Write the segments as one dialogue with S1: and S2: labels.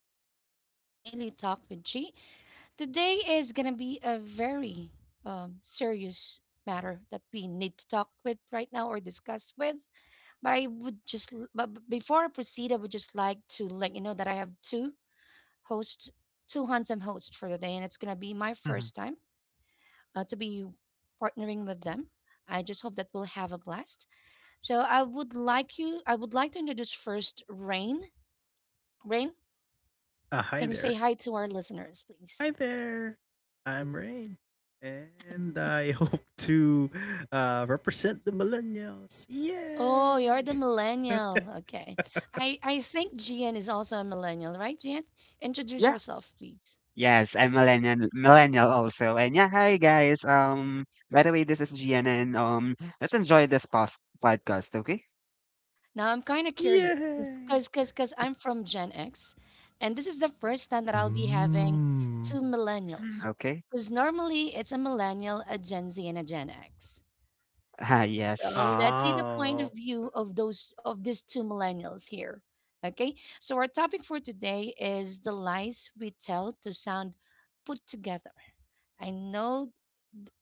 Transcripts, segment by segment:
S1: and welcome to Daily Talk with Chi. Today is going to be a very serious matter that we need to talk with right now or discuss with. But I would just, before I proceed, I would just like to let you know that I have two hosts, two handsome hosts for the day, and it's going to be my
S2: Mhm.
S1: first time to be partnering with them. I just hope that we'll have a blast. So I would like you, I would like to introduce first Rain. Rain,
S2: Hi
S1: can you say
S2: there.
S1: hi to our listeners, please?
S2: Hi there. I'm Rain. And I hope to represent the millennials.
S1: Oh, you're
S2: Yay!
S1: the millennial. Okay. I think Gian is also a millennial, right, Gian? Introduce
S3: Yeah.
S1: yourself, please.
S3: Yes, I'm millennial also. And yeah, hi guys. By the way, this is Gian, and let's enjoy this podcast, okay?
S1: Now, I'm kind of curious
S2: Yay!
S1: because cause I'm from Gen X, and this is the first time that I'll be having
S2: Mm.
S1: two
S3: Mm.
S1: millennials.
S3: Okay.
S1: Because normally it's a millennial, a Gen Z, and a Gen X.
S3: Ah,
S1: So
S3: yes.
S1: let's see the point of
S2: Oh.
S1: view of those of these two millennials here. Okay. So our topic for today is the lies we tell to sound put together. I know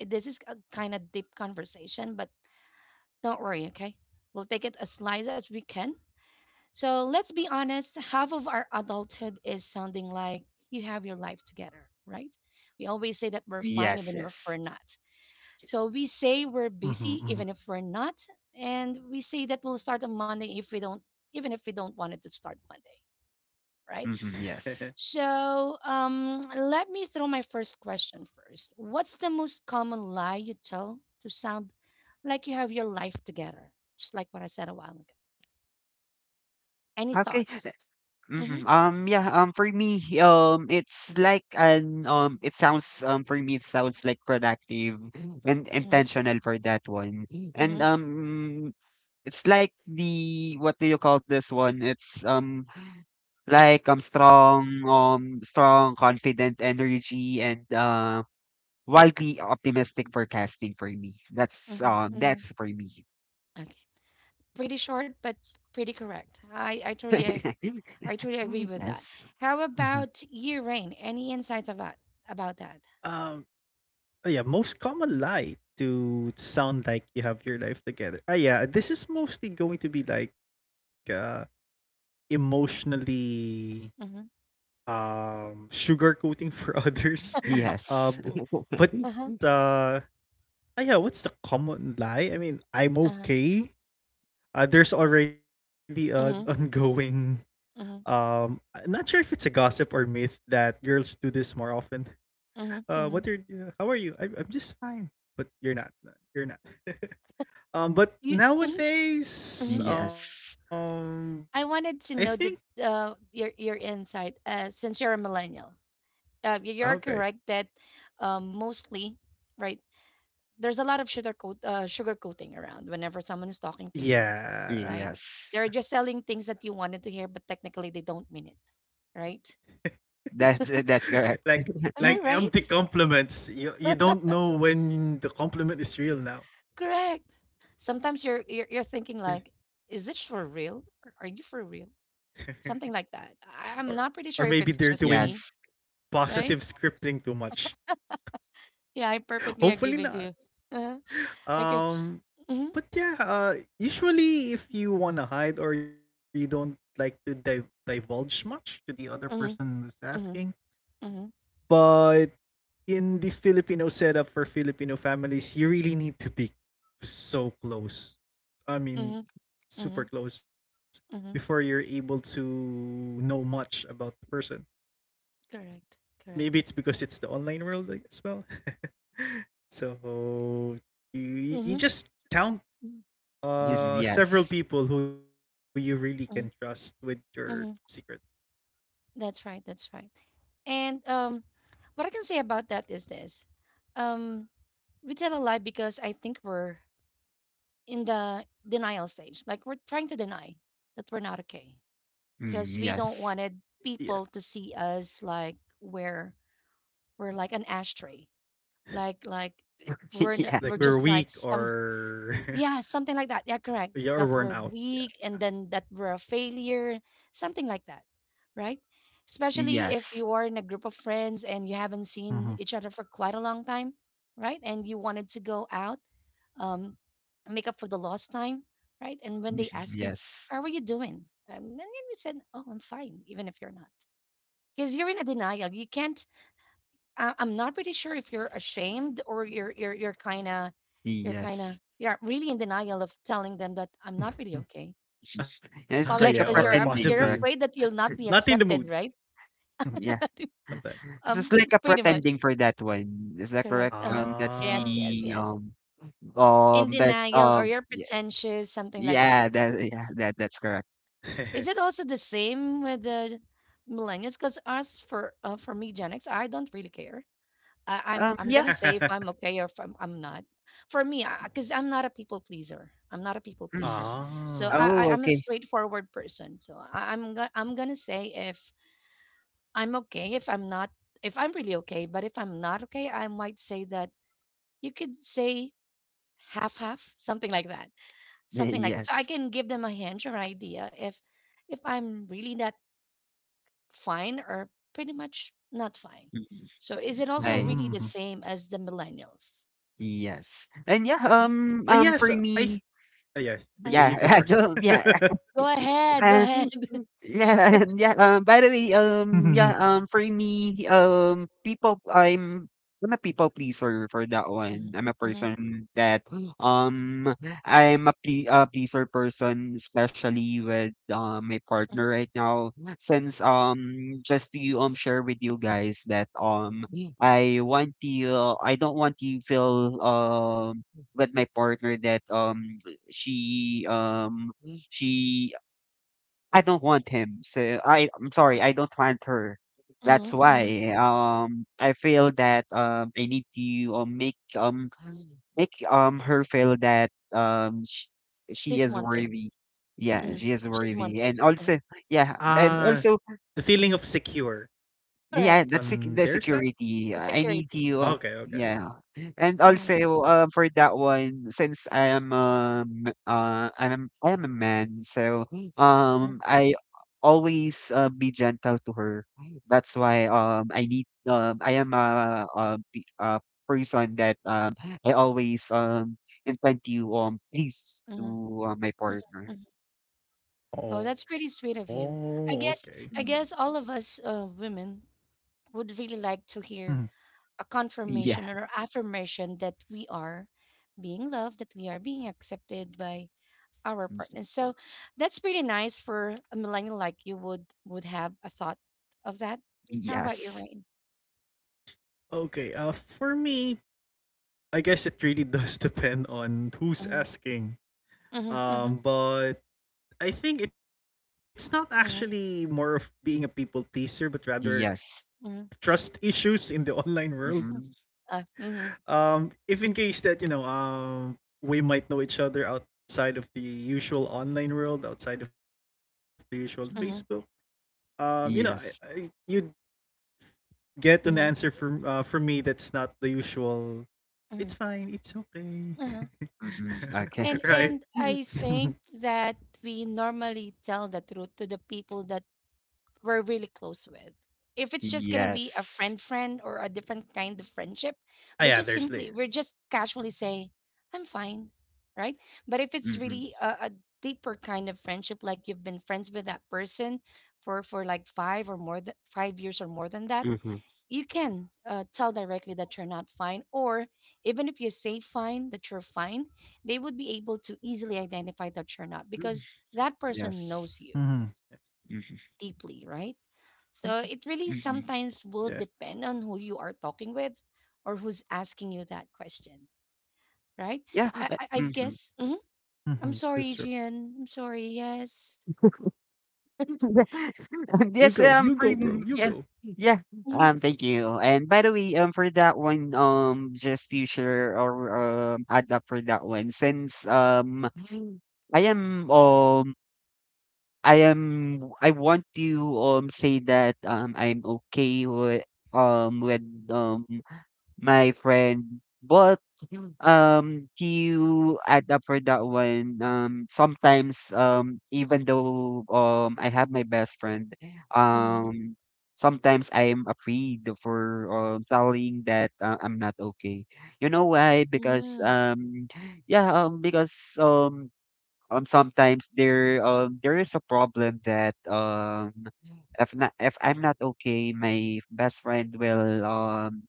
S1: this is a kind of deep conversation, but don't worry, okay? We'll take it as light as we can. So let's be honest, half of our adulthood is sounding like you have your life together, right? We always say that we're fine
S3: Yes,
S1: even if we're
S3: yes.
S1: not. So we say we're
S2: Mhm,
S1: busy
S2: mhm,
S1: even if we're not, and we say that we'll start on Monday if we don't, even if we don't want it to start Monday, right?
S3: Hmm, yes.
S1: So let me throw my first question first. What's the most common lie you tell to sound like you have your life together? Just like what I said a while ago. Any
S3: Okay.
S1: thoughts? Mm-hmm,
S3: Yeah, for me, it's like an it sounds for me it sounds like productive and
S1: mm-hmm,
S3: intentional for that one. And
S1: mm-hmm,
S3: it's like, the what do you call this one? It's Like, strong, confident energy and wildly optimistic forecasting for me. That's
S1: mm-hmm,
S3: um,
S1: mm-hmm.
S3: that's for me.
S1: Okay, pretty short but pretty correct. I totally agree with that.
S3: Yes,
S1: How
S2: mhm.
S1: about you, Rain? Any insights about that?
S2: um, oh yeah, most common lie to sound like you have your life together. Ah, yeah, this is mostly going to be like emotionally
S1: Mm-hmm.
S2: sugarcoating for others uh
S3: yes,
S2: bu- but
S1: Uh-huh.
S2: uh yeah, what's the common lie, I mean, I'm
S1: Uh-huh.
S2: okay. There's already an
S1: Mm-hmm.
S2: ongoing
S1: Mm-hmm.
S2: I'm not sure if it's a gossip or myth that girls do this more often.
S1: Mm-hmm.
S2: What are
S1: Mm-hmm.
S2: you, how are you? I'm just fine, but you're not. No, you're not. But
S1: You. Mm-hmm.
S2: nowadays,
S1: Mm-hmm.
S3: yes,
S2: I
S1: I
S2: think.
S1: wanted to know the your insight. Since you're a millennial,
S2: Okay.
S1: you're correct that, mostly, right? There's a lot of sugar coat sugar coating around whenever someone is talking to you,
S2: Yeah.
S1: right?
S3: yes.
S1: They're just selling things that you wanted to hear, but technically they don't mean it, right?
S3: That's correct.
S2: Like,
S1: Am I
S2: empty
S1: right?
S2: compliments. You don't know when the compliment is real now.
S1: Correct. Sometimes you're thinking like, is this for real? Are you for real? Something like
S2: Or,
S1: that. I'm
S2: maybe
S1: not pretty
S2: they're
S1: sure if it's
S2: doing
S1: just me,
S3: Yes,
S2: positive
S1: right?
S2: scripting too much.
S1: Yeah, I perfectly
S2: Hopefully
S1: agree with
S2: not.
S1: you. Uh-huh. Okay.
S2: Um
S1: Mhm.
S2: but yeah, usually if you want to hide or you don't like to divulge much to the other person
S1: Mhm.
S2: who's asking,
S1: Mhm. Mhm.
S2: but in the Filipino setup for Filipino families, you really need to be so close. I mean,
S1: Mhm.
S2: super
S1: Mhm.
S2: close before you're
S1: Mhm.
S2: able to know much about the person.
S1: Correct.
S2: Maybe
S1: Correct.
S2: it's because it's the online world, like, as well. So you
S1: Mhm.
S2: just count
S1: Mhm.
S2: several
S3: yes,
S2: people who you really can trust with
S1: Mhm.
S2: your secret.
S1: Mhm. That's right. That's right. And what I can say about that is this: um, we tell a lie because I think we're in the denial stage. Like we're trying to deny that we're not okay because
S3: mm,
S1: we don't
S3: yes,
S1: wanted
S2: Yes,
S1: people to see us like we're like an ashtray, like
S3: yeah.
S1: we're
S2: like we're
S1: just like
S2: weak
S1: some
S2: or
S1: yeah something like that. Yeah, correct.
S2: yeah, or
S1: That
S2: worn
S1: we're
S2: out.
S1: weak
S2: Yeah.
S1: and then that we're a failure, something like that, right? Especially if
S3: Yes.
S1: you are in a group of friends and you haven't seen each other for quite a long time, right? And you wanted to go out um, make up for the lost time, right? And when they ask you,
S3: Yes.
S1: "How are you doing?" And then you said, "Oh, I'm fine," even if you're not, because you're in a denial. You can't. I'm not pretty sure if you're ashamed or you're kind of
S3: Yes.
S1: you're really in denial of telling them that I'm not really
S2: Mhm.
S1: okay.
S2: Yeah,
S1: It's
S2: or
S3: It's
S1: probably
S3: like a
S1: because
S2: possibly N
S3: pretending,
S1: you're
S3: correct?
S1: afraid that
S2: not
S1: you'll
S2: in the
S1: not be
S2: mood.
S1: accepted, right?
S2: Mhm.
S3: Yeah.
S2: Sometimes.
S3: Just
S1: Um,
S3: like a
S1: pretty much
S3: pretending for that one. Is that
S1: correct.
S3: correct?
S1: Uh huh.
S3: That's
S1: Yes,
S2: Ah.
S1: yes,
S3: the
S1: yes. In
S3: best
S1: denial, or
S3: um
S1: you're
S3: yeah
S1: pretentious, something like
S3: yeah
S1: that.
S3: that yeah that that's correct.
S1: Is it also the same with the millennials? Because us for me, Gen X, I don't really care. I'm
S3: Yeah.
S1: gonna say if I'm okay or if I'm not. For me, because I'm not a people pleaser. I'm not a people
S3: Mhm.
S1: pleaser. So
S2: Ah.
S3: Oh,
S1: I'm a
S3: okay.
S1: straightforward person. So I'm gonna say if I'm okay, if I'm not, if I'm really okay. But if I'm not okay, I might say that you could say half half, something like that, something like that. So I
S3: Yes.
S1: can give them a hint or an idea if I'm really not fine or pretty much not fine.
S3: Mhm.
S1: So is it
S3: I
S1: also really the
S2: Mm.
S1: same as the millennials?
S3: Yes. And yeah.
S1: Mhm,
S2: Ah,
S3: For
S2: yes,
S3: me,
S2: yeah,
S1: mhm.
S3: yeah.
S2: you go
S3: I
S2: first.
S3: don't, yeah.
S1: Go ahead, go ahead.
S3: Yeah, yeah. By the way, yeah. For me, I'm a people pleaser for that one.
S1: Mhm,
S3: I'm a
S1: mhm,
S3: person that um, pleaser person, especially with my partner
S1: mhm,
S3: right now. Since just to share with you guys that,
S1: mhm,
S3: I want I don't want to feel with my partner that she um she, I don't want him. So I'm sorry,
S1: uh,
S3: I don't want her. That's
S1: mhm, mhm.
S3: why I feel that I need to, make make her feel that she
S1: She's
S3: is
S1: wanted.
S3: worthy. Yeah,
S1: Mhm,
S3: she is
S1: She's
S3: worthy. And
S1: wanted.
S3: also
S2: Ah,
S3: yeah,
S2: the feeling
S3: and
S2: of
S3: also
S2: secure on their
S3: yeah,
S2: side?
S1: Correct.
S3: that's the security.
S1: The
S3: I
S2: Okay,
S3: need
S2: okay,
S1: security.
S2: okay.
S3: you. Yeah. And
S1: Mhm,
S3: also for that one, since I am I am a man, so
S1: mhm,
S3: I always be gentle to her. That's why I am a person that I always intend to please to
S1: mhm,
S3: uh, my
S1: mhm,
S3: partner.
S1: mhm. Oh, that's pretty
S2: Oh,
S1: sweet of
S2: okay.
S1: you. I guess I
S3: Mm.
S1: guess all of us women would really
S2: Mhm.
S1: like to hear a
S3: Yeah.
S1: confirmation or affirmation that we are being loved, that we are being accepted by our
S3: Mhm.
S1: partners. So that's pretty nice for a millennial like you would have a thought of that. How about you,
S3: Yes.
S1: Rain?
S2: Okay, for me, I guess it really does depend on who's
S1: Mm-hmm.
S2: asking.
S1: Mm-hmm.
S2: But I think it's not actually more of
S1: Mm-hmm.
S2: being a people pleaser, but rather
S3: Yes.
S1: Mm-hmm. Mm-hmm.
S2: trust issues in the online world.
S1: Mm-hmm,
S3: Hmm,
S1: Mm-hmm.
S2: If in case that we might know each other outside of the usual online world, outside of the usual Facebook.
S1: Mm-hmm.
S3: yes.
S2: You'd get an answer
S1: Mm-hmm.
S2: from me that's not the usual. It's
S1: Mm-hmm.
S2: fine. It's okay.
S1: Uh-huh.
S3: Mhm, okay.
S1: And
S2: Right.
S1: and I think
S2: ah,
S1: that we normally tell the truth to the people that we're really close with. If it's just gonna be a
S3: Yes.
S1: friend or a different kind of friendship,
S2: yeah. There's
S1: we're
S2: layers.
S1: just casually say, I'm fine, right? But if it's
S3: Mhm,
S1: really a deeper kind of friendship, like you've been friends with that person for like five or more than 5 years or more than that,
S3: mhm,
S1: you can tell directly that you're not fine, or even if you say fine that you're fine, they would be able to easily identify that you're not because that
S2: Mm-hmm.
S1: person
S2: Yes.
S1: knows
S3: yes.
S1: you
S3: Mhm,
S1: deeply, right? So it really
S2: Yes.
S3: mhm.
S1: sometimes will depend on who you are talking with or who's asking you that question, right?
S3: Yeah,
S1: I
S3: mhm.
S1: guess.
S2: Mm-hmm.
S1: Mhm.
S2: That's
S1: I'm sorry, Gian. I'm sorry. Yes.
S2: You go,
S3: Yes.
S2: bro, you
S3: For
S2: go.
S3: m Yeah, yeah,
S1: Mm-hmm.
S3: thank you. And by the way, For that one, just to share, or, add up for that one. Since, I am, I want to, say that, I'm okay with, um, with, um my friend. But to add up for that one, sometimes, even though I have my best friend,
S1: Mm-hmm.
S3: um sometimes I am afraid for, telling that, I'm not okay. You know why? Because yeah, because sometimes there is a problem that, if not, if I'm not okay, my best friend will um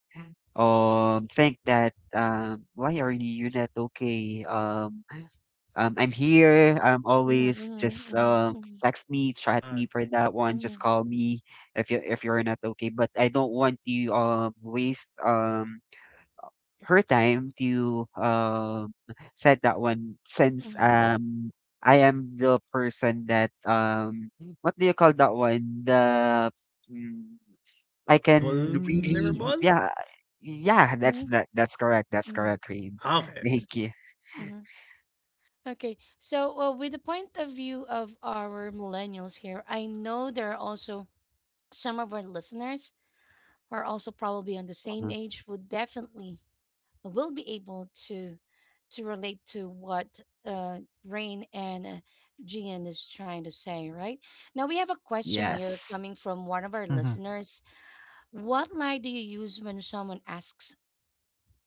S3: um think that, why are you not okay? I'm here, I'm
S1: Mm-hmm.
S3: always just,
S1: Mm-hmm. Mm-hmm.
S3: text me, chat
S2: Ah,
S3: me for that one, just
S1: Mm-hmm.
S3: call me if you if you're not okay. But I don't want to waste her time to said that one, since
S1: Mm-hmm.
S3: I am the person that, what do you call that one? The mm, I can really,
S2: vulnerable?
S3: yeah. Yeah, that's
S1: Mm-hmm.
S3: that that's correct, that's
S1: Mm-hmm.
S3: correct, Rain.
S2: Ah, okay,
S3: Thank you.
S1: Mm-hmm. Okay, so well, with the point of view of our millennials here, I know there are also some of our listeners who are also probably on the same
S3: uh
S1: age would definitely will be able to relate to what uh, Rain and Gian is trying to say, right? Now we have a question here
S3: Yes.
S1: coming from one of our
S2: hmm
S1: listeners. What lie do you use when someone asks,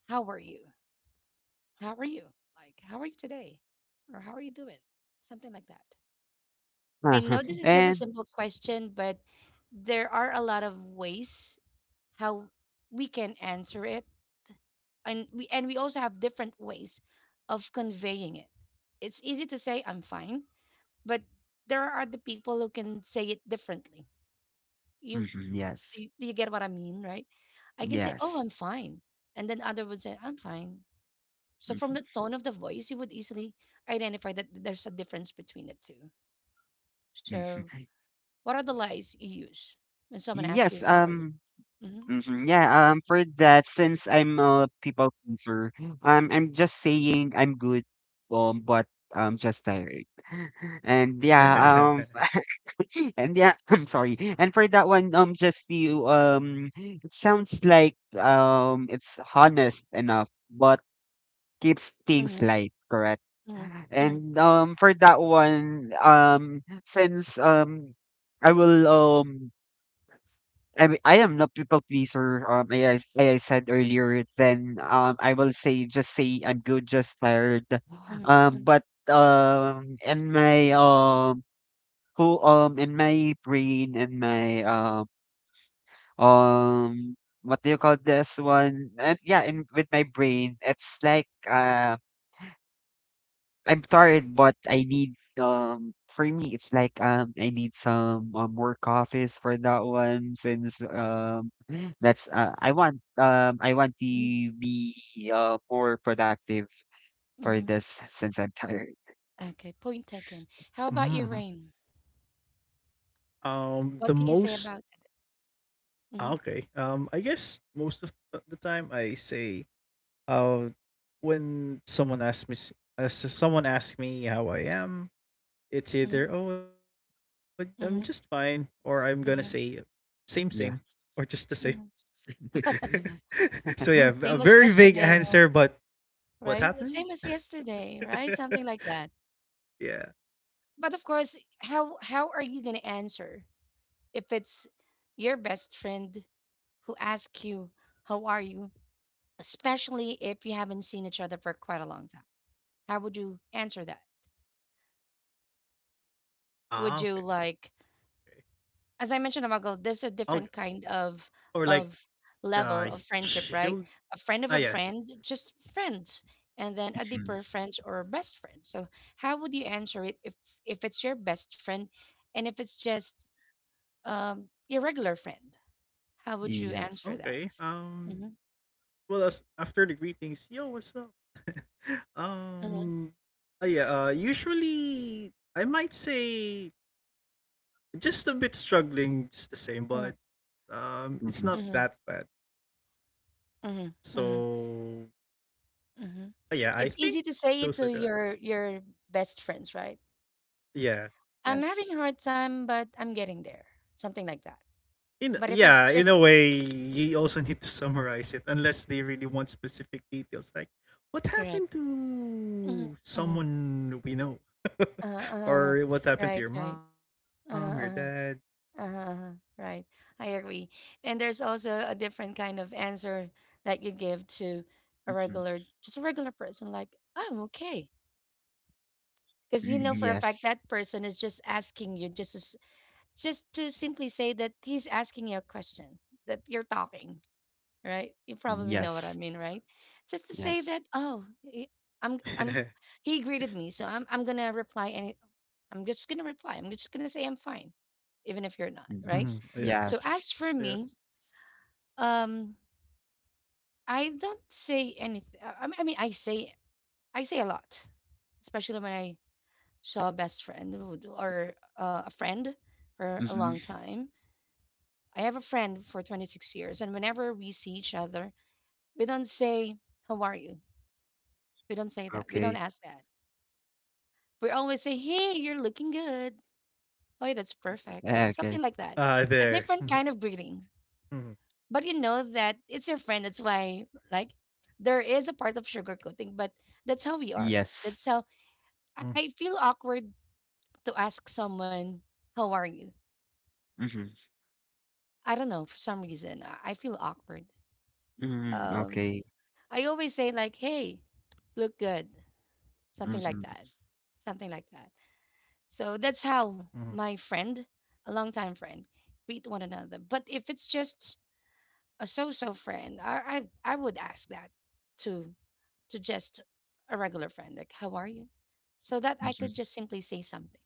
S1: "How are you? How are you? Like, how are you today? Or how are you doing?" Something like that. I
S3: Uh-huh.
S1: know this is just a
S3: And
S1: simple question, but there are a lot of ways how we can answer it and we also have different ways of conveying it. It's easy to say I'm fine, but there are the people who can say it differently, you,
S3: mhm, yes.
S1: do you get what I mean, right? I can say, oh,
S3: Yes.
S1: I'm fine, and then other would say I'm fine. So from
S3: Mhm,
S1: the tone of the voice you would easily identify that there's a difference between the two. So
S3: mhm.
S1: what are the lies you use when someone asks you
S3: Yes,
S1: how are you? Mm-hmm.
S3: mhm, yeah, for that, since I'm a people pleaser, I'm just saying I'm good, but I'm just tired. And yeah,
S1: Mm-hmm.
S3: um
S2: okay.
S3: and yeah, I'm sorry. And for that one, it sounds like, it's honest enough, but keeps things
S1: Mm-hmm.
S3: light, correct?
S1: Mm-hmm.
S3: And for that one, since, I will um, I mean, I am not people pleaser. I said earlier. Then, I will say, just say I'm good, just tired.
S1: Mm-hmm.
S3: But um, in my um in my brain, in my um what do you call this one? And yeah, in, with my brain, it's like, I'm tired, but I need, for me it's like, I need some, more coffees for that one, since that's, I want to
S1: Mm-hmm.
S3: be more productive for
S1: Mm-hmm.
S3: this, since I'm tired,
S1: Okay, point taken. How about you,
S2: hmm
S1: Rain?
S2: um, the most
S1: What can you say about that?
S2: okay.
S1: Mm-hmm,
S2: I guess most of the time I say uh when someone asks me so someone asks me how I am, it's
S1: mm-hmm,
S2: either oh I'm just fine or
S1: mm-hmm,
S2: I'm gonna say
S1: mm-hmm,
S2: same, same, or
S3: yeah.
S2: just the same.
S1: mm-hmm.
S2: So yeah, a
S1: Same
S2: very
S1: as
S2: vague
S1: yesterday,
S2: answer,
S1: right?
S2: but what
S1: Right? The
S2: happened?
S1: Same as yesterday, right? Something like that.
S2: Yeah.
S1: But of course, how are you gonna answer if it's your best friend who asks you, "How are you?" Especially if you haven't seen each other for quite a long time. How would you answer that? Would
S2: Ah,
S1: you
S2: okay.
S1: like as I mentioned
S2: Oh,
S1: a while ago, there's a different kind
S2: or like,
S1: of of
S2: uh
S1: level of friendship,
S2: she'll
S1: right? A
S2: ah
S1: friend of
S2: yes,
S1: a
S2: that's
S1: friend, just friends, and then a
S3: Mhm.
S1: deeper friend or best friend. So how would you answer it if it's your best friend, and if it's just your regular friend? How would
S2: true.
S1: you
S2: Okay.
S3: Yes.
S1: answer that? Mm-hmm,
S2: Well, as after the greetings, yo, what's up? Um yeah, usually I might say just a bit struggling, just the same, but
S1: mm-hmm,
S2: it's not that
S3: Mhm.
S2: bad.
S1: mm-hmm, mm-hmm, mm-hmm,
S2: So
S1: mm-hmm.
S2: yeah, I think
S1: It's easy to
S2: those
S1: say
S2: are
S1: it
S2: the
S1: to
S2: lines.
S1: your best friends, right?
S2: Yeah.
S1: I'm having a
S3: Yes.
S1: hard time, but I'm getting there. Something like that.
S2: In,
S1: But if it's
S2: yeah, in a way, you also need to summarize it unless they really want specific details like what
S1: Correct.
S2: happened
S1: Mhm,
S2: to
S1: mhm.
S2: someone we know,
S1: Uh-huh, uh-huh.
S2: or what happened
S1: Right,
S2: to your
S1: right.
S2: mom, your
S1: Uh-huh,
S2: dad.
S1: uh-huh, uh-huh. Right. I agree. And there's also a different kind of answer that you give to a regular, just a regular person, like, I'm okay. Because you know
S3: Mm,
S1: for a fact
S3: yes.
S1: that person is just asking you just as, just to simply say that he's asking you a question, that you're talking, right? You probably know what I
S3: Yes.
S1: mean, right? Just to say that,
S3: Yes.
S1: oh, I'm, he greeted me, so I'm going to reply any, I'm just going to reply. I'm just going to say I'm fine, even if you're
S2: Mhm,
S1: not,
S2: yes,
S1: right?
S3: Mhm.
S2: true.
S1: So
S2: Yes.
S1: as
S3: Yes.
S1: for me, um, I don't say anything. I mean, I say a lot, especially when I saw a best or a friend for a
S3: Hmm,
S1: long time. I have a friend for 26 years, and whenever we see each other, we don't say, "How are you?" We don't say that. We don't
S3: okay.
S1: ask that. We always say, "Hey, you're looking good. Oh, that's perfect." Something
S3: Okay.
S1: like that.
S2: Ah,
S1: A
S2: there.
S1: different
S2: Mhm,
S1: kind of greeting.
S2: mhm,
S1: But you know that it's your friend, that's why, like, there is a part of sugarcoating, but that's how we are,
S3: Yes.
S1: that's how
S2: mhm,
S1: I feel awkward to ask someone, "How are you?"
S3: Hmm,
S1: I don't know, for some reason, I feel awkward.
S3: hmm,
S1: um
S3: okay.
S1: I always say, like, "Hey, look good," something like
S3: Hmm,
S1: that, something like that. So
S2: mhm,
S1: that's how my friend, a longtime friend, greet one another. But if it's just a so-so friend, I would ask that, to to just a regular friend, like, "How are you?" So that I
S3: hmm,
S1: could just simply say something.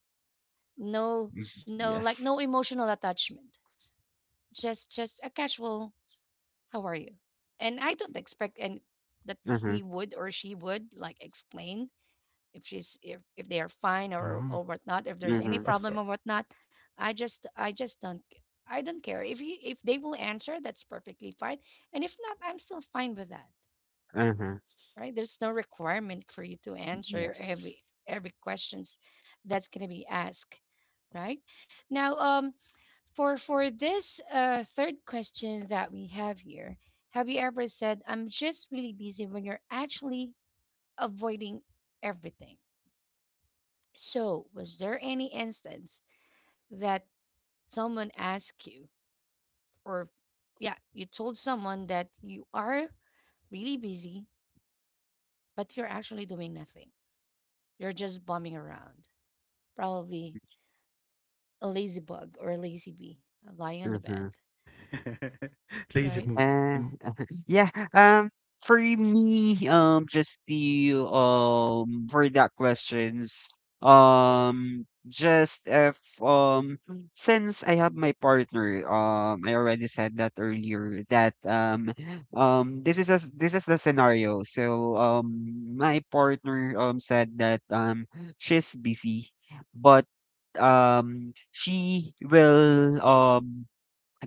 S1: No, no, like,
S3: yes.
S1: no emotional attachment. Just a casual, "How are you?" And I don't expect and that
S3: Hmm,
S1: he would or she would, like, explain if she's if they are
S2: mhm.
S1: fine, or whatnot,
S2: Of
S1: if
S2: course.
S1: there's any
S3: hmm,
S1: problem or whatnot. I just don't, I don't care if he if they will answer, that's perfectly fine. And if not, I'm still fine with that.
S3: hmm,
S1: Right? There's no requirement for you to answer
S3: yes.
S1: every questions that's gonna be asked, right? Now, for this third question that we have here, have you ever said, "I'm just really busy," when you're actually avoiding everything? So, was there any instance that someone asked you, or, yeah, you told someone that you are really busy, but you're actually doing nothing? You're just bumming around. Probably a lazy bug or a lazy bee, lying on the bed,
S3: Hmm.
S2: Lazy mood. And,
S1: right?
S3: Uh, yeah. For me, just the for that questions, just if since I have my partner, I already said that earlier that this is this is the scenario. So my partner said that she's busy, but she will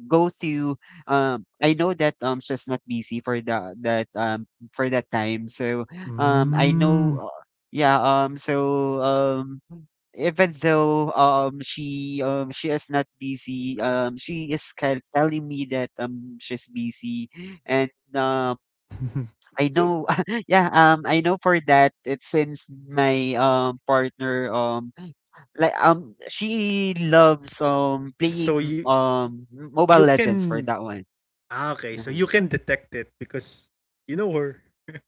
S3: go to, I know that she's not busy for the that for that time. So I
S2: mm.
S3: know, yeah. Um Even though she is not busy, she is telling me that she's busy. And I know, yeah. I know, for that it's since my partner, like, she loves
S2: So
S3: playing Mobile
S2: you
S3: Legends for
S2: can.
S3: that one.
S2: Ah, okay. So
S3: Mhm.
S2: you can detect it because you know her.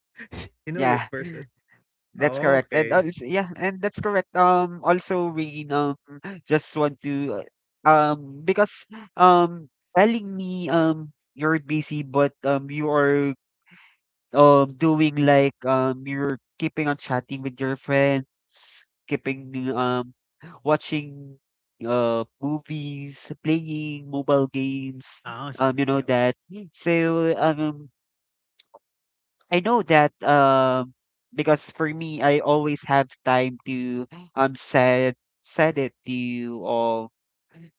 S2: You know
S3: Yeah,
S2: that person. Ah,
S3: that's correct. And
S2: okay.
S3: also, yeah, and that's correct. Also, we just want to, because, um telling me you're busy, but you are doing, like, you're keeping on chatting with your friends, keeping, watching movies, playing mobile games,
S2: Ah,
S3: you know
S2: something else.
S3: that. So I know that, because for me, I always have time to um said said it to you, or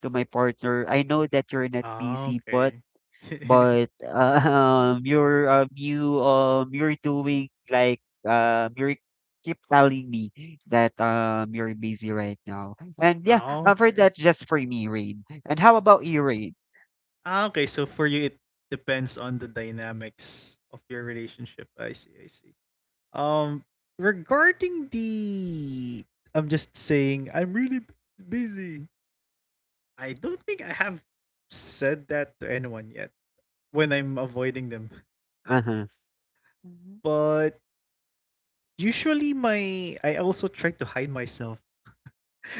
S3: to my partner. I know that you're not
S2: Ah,
S3: busy, but
S2: okay.
S3: but uh, you're doing, like, you're keep telling me that you're busy right now. And yeah,
S2: Ah,
S3: for
S2: okay.
S3: that, just for me, Rain. And how about you, Rain?
S2: Ah, okay. So for you, it depends on the dynamics of your relationship. I see. I see. Um, Regarding the, I'm just saying, I'm really busy. I don't think I have said that to anyone yet when I'm avoiding them.
S3: Uh-huh.
S1: Mm-hmm.
S2: But usually my I also try to hide myself.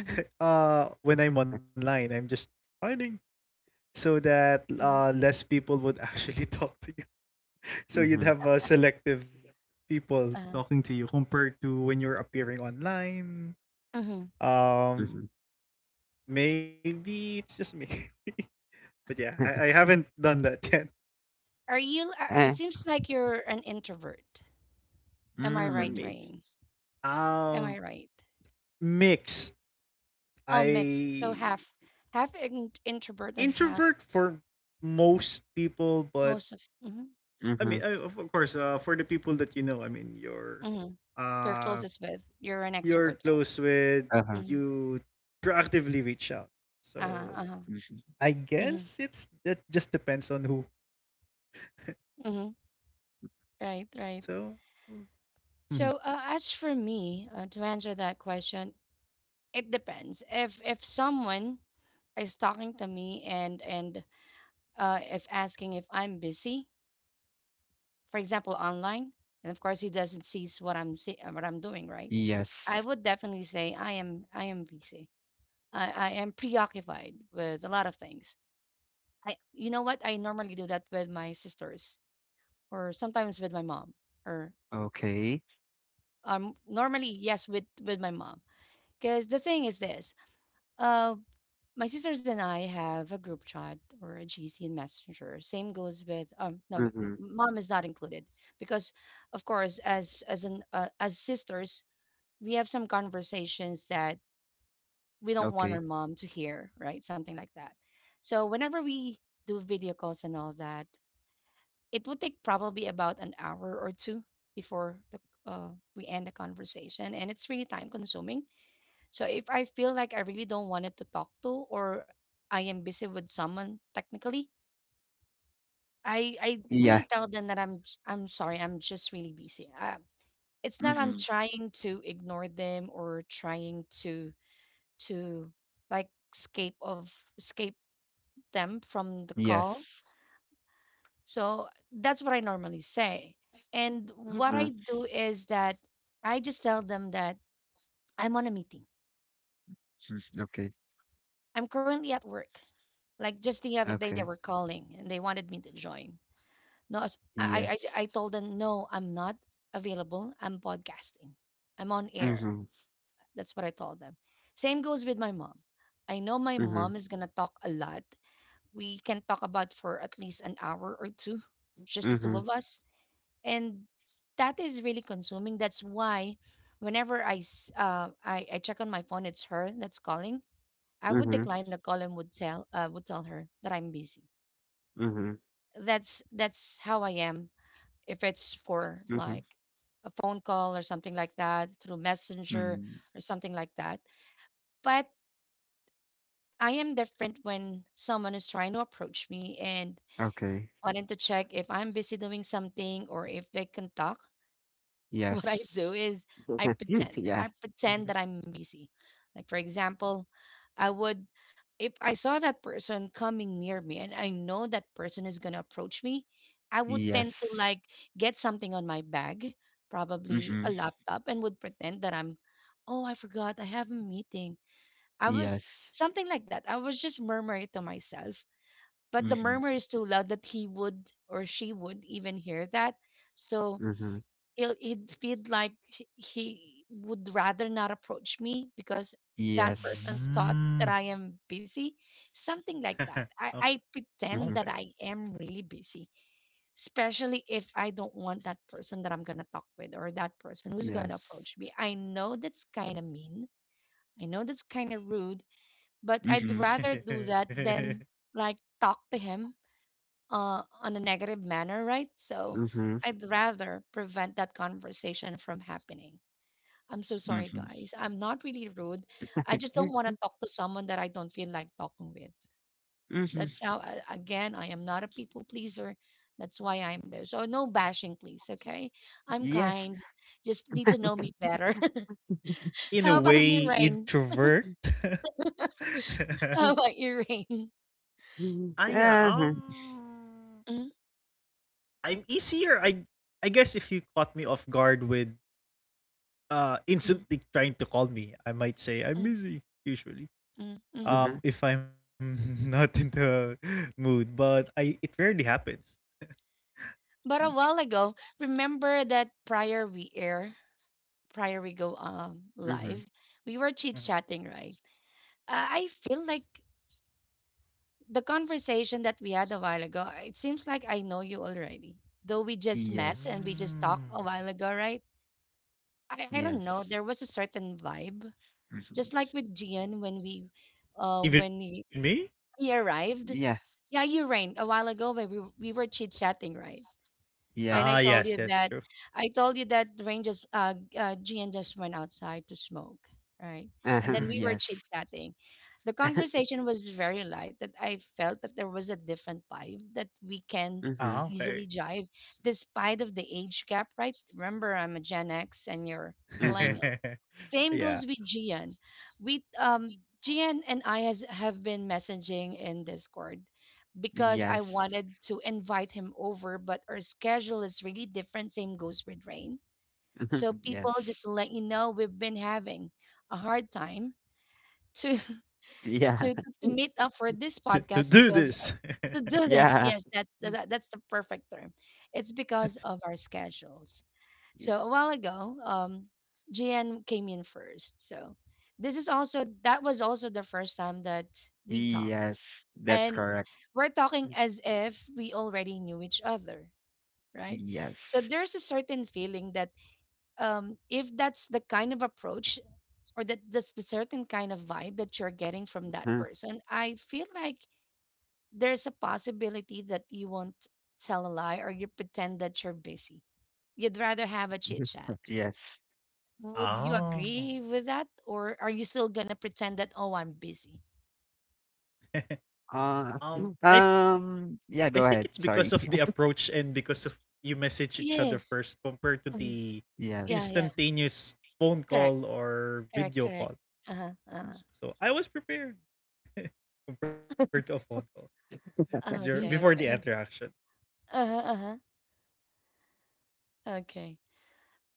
S1: Mm-hmm.
S2: When I'm online, I'm just hiding so that
S1: Hmm.
S2: less people would actually talk to you. So you'd
S3: Mm-hmm.
S2: have selective people
S1: Uh,
S2: talking to you compared to when you're appearing online.
S1: mm-hmm.
S3: Mm-hmm.
S2: Um Maybe it's just me. But yeah, I haven't done that yet
S1: Are you? It
S3: Uh,
S1: seems like you're an introvert. Am I
S2: for
S1: right,
S3: mm,
S2: me.
S1: Rain? Am I
S2: Um
S1: right?
S2: Mixed.
S1: I'll mix. So
S2: I
S1: half, half introvert and half
S2: Introvert for most people, but
S1: most of. Mm-hmm.
S2: I
S3: mm-hmm.
S2: mean, of, course, for the people that you know, I mean,
S1: Mm-hmm. You're
S2: uh,
S1: closest with. You're an
S2: you're
S1: extrovert one.
S2: close with,
S3: Uh-huh.
S1: Mm-hmm.
S2: you proactively reach out. So
S1: Uh-huh. Uh-huh.
S3: Mm-hmm.
S2: I guess
S1: Mm-hmm.
S2: it's that just depends on who.
S1: Mm-hmm. Right. Right.
S2: So, mm,
S1: So as for me, to answer that question, it depends. If someone is talking to me and if asking if I'm busy, for example, online, and of course he doesn't sees what what I'm doing, right? I
S3: Yes.
S1: would definitely say I am busy. I am preoccupied with a lot of things. I, you know what, I normally do that with my sisters, or sometimes with my mom, or
S3: Okay.
S1: normally, yes, with my mom, because the thing is this, uh my sisters and I have a group chat or a GC in Messenger. Same goes with no w- m-
S3: Mm-hmm.
S1: mom is not included, because of course, as an as sisters, we have some conversations that we don't want our
S3: Okay.
S1: mom to hear, right? Something like that. So whenever we do video calls and all that, it would take probably about an hour or two before uh, we end the conversation, and it's really time consuming. So if I feel like I really don't wanted to talk to, or I am busy with someone technically, I really
S3: Yeah.
S1: tell them that I'm sorry, I'm just really busy. It's not I'm
S3: Mm-hmm.
S1: trying to ignore them, or trying to, like, escape of escape them from the call.
S3: Yes.
S1: So that's what I normally say. And what
S3: Mm-hmm.
S1: I do is that I just tell them that I'm on a meeting.
S3: Mm, okay.
S1: I'm currently at work. Like, just the other day, they
S3: Okay.
S1: were calling and they wanted me to join. No, I
S3: Yes.
S1: told them, no, I'm not available. I'm podcasting. I'm on air.
S3: Mm-hmm.
S1: That's what I told them. Same goes with my mom. I know my mom
S3: Mm-hmm.
S1: is going to talk a lot. We can talk about for at least an hour or two, just the two
S3: Mm-hmm.
S1: of us. And that is really consuming. That's why whenever I check on my phone, it's her that's calling. I would
S3: Mm-hmm.
S1: decline the call and would tell her that I'm busy.
S3: Mm-hmm.
S1: That's how I am. If it's for, like,
S3: Mm-hmm.
S1: a phone call or something like that through Messenger,
S3: Mm.
S1: or something like that. But I am different when someone is trying to approach me and
S3: Okay.
S1: wanting to check if I'm busy doing something, or if they can talk. What I do
S3: Yes.
S1: is I pretend. I
S3: Yeah.
S1: pretend that
S3: Mm-hmm.
S1: I'm busy. Like, for example, I would, if I saw that person coming near me and I know that person is gonna approach me, I would tend to,
S3: Yes.
S1: like, get something on my bag, probably a
S3: Mm-hmm.
S1: laptop, and would pretend that I'm, "Oh, I forgot, I have a meeting. I was,"
S3: Yes.
S1: something like that. I was just murmuring to myself. But the
S3: Mm-hmm.
S1: murmur is too loud that he would or she would even hear that. So
S3: Mm-hmm.
S1: he'll, he'd feel like he would rather not approach me, because that person
S3: Yes.
S1: thought that
S2: Mm.
S1: I am busy, something like
S2: Okay.
S1: that. I pretend
S3: Mm-hmm.
S2: Okay.
S1: that I am really busy, especially if I don't want that person that I'm going to talk with, or that person who's going to
S3: Yes.
S1: approach me. I know that's kind of mean. I know that's kind of rude, but I'd
S3: Mm-hmm.
S1: rather do that than, like, talk to him, on a negative manner, right? So
S3: Mm-hmm.
S1: I'd rather prevent that conversation from happening. I'm so sorry, guys.
S3: Mm-hmm.
S1: I'm not really rude. I just don't want to talk to someone that I don't feel like talking with.
S3: Mm-hmm.
S1: That's how, a- again, I am not a people pleaser. That's why I'm there. So no bashing, please. Okay. I'm
S3: Yes.
S1: kind. Just need to know me better.
S2: In a
S1: How about you,
S2: way,
S1: Rain?
S2: introvert.
S1: How about you, Rain?
S2: Ah,
S3: Mhm.
S2: yeah.
S3: Uh-huh,
S1: Mm,
S2: I'm easier. I guess if you caught me off guard with
S1: mm,
S2: instantly trying to call me, I might say I'm
S1: mm,
S2: busy, usually,
S1: mm, mm.
S3: mhm,
S2: if I'm not in the mood, but I it rarely happens.
S1: But a while ago, remember that prior we go
S3: mhm.
S1: live, we were chit chatting,
S2: Mhm.
S1: right? I feel like the conversation that we had a while ago. Uh, it seems like I know you already, though we just met and we
S3: Yes,
S1: just talked a
S2: Mm.
S1: while ago, right? I don't know.
S3: yes.
S1: There was a certain vibe, just like
S3: Mhm.
S1: with Gian when we, when
S2: Even me.
S1: he arrived.
S3: Yeah,
S1: Yeah, you rained a while ago when we were chit chatting, right? And I
S2: Ah,
S1: told
S3: yes.
S1: you
S2: yes,
S1: that,
S2: yes, true.
S1: I told you that Rain just Gian just went outside to smoke, right? And then
S3: Uh-huh,
S1: we were chit
S3: yes.
S2: Mhm.
S1: chatting. The conversation was very light that I felt that there was a different vibe, that we can
S3: Mhm,
S2: Ah,
S1: easily
S2: okay.
S1: jive despite of the age gap, right? Remember, I'm a Gen X and you're
S3: mhm.
S1: millennials. Same goes with
S2: Yeah,
S1: Gian. We Gian and I has have been messaging in Discord, because I
S3: Yes.
S1: wanted to invite him over, but our schedule is really different. Same goes with Rain. So people, just
S3: Yes.
S1: to let you know, we've been having a hard time to
S3: Yeah.
S1: to meet up for this
S2: to
S1: podcast,
S2: do
S1: because
S2: this.
S1: to do this.
S3: Yeah.
S1: Yes, that's that's the perfect term. It's because of our schedules.
S3: Yeah.
S1: So a while ago, GN came in first. So this is also, that was also the first time that we talked,
S3: Yes, that's
S1: and
S3: correct.
S1: we're talking as if we already knew each other, right? So
S3: Yes.
S1: there's a certain feeling that, if that's the kind of approach, or that that's the certain kind of vibe that you're getting from that
S3: Mhm,
S1: person, I feel like there's a possibility that you won't tell a lie, or you pretend that you're busy. You'd rather have a chit
S3: mhm.
S1: chat.
S3: Yes.
S1: Would you
S2: Oh.
S1: agree with that, or are you still gonna pretend that, "Oh, I'm busy"?
S2: um
S3: Uh,
S2: i I
S3: yeah,
S2: think
S3: go
S2: it's
S3: ahead.
S2: because of the
S3: Sorry.
S2: approach and because of you message each other
S1: Yes.
S2: first compared to
S1: Mhm.
S2: the
S1: Yeah,
S3: Yes.
S1: yeah.
S2: instantaneous phone
S1: Correct,
S2: call or
S1: correct
S2: video
S1: correct.
S2: call.
S1: Uh-huh, uh-huh.
S2: So I was prepared compared to a phone call
S1: Okay,
S2: before the
S1: okay.
S2: interaction. So,
S1: Uh-huh, uh-huh. Okay.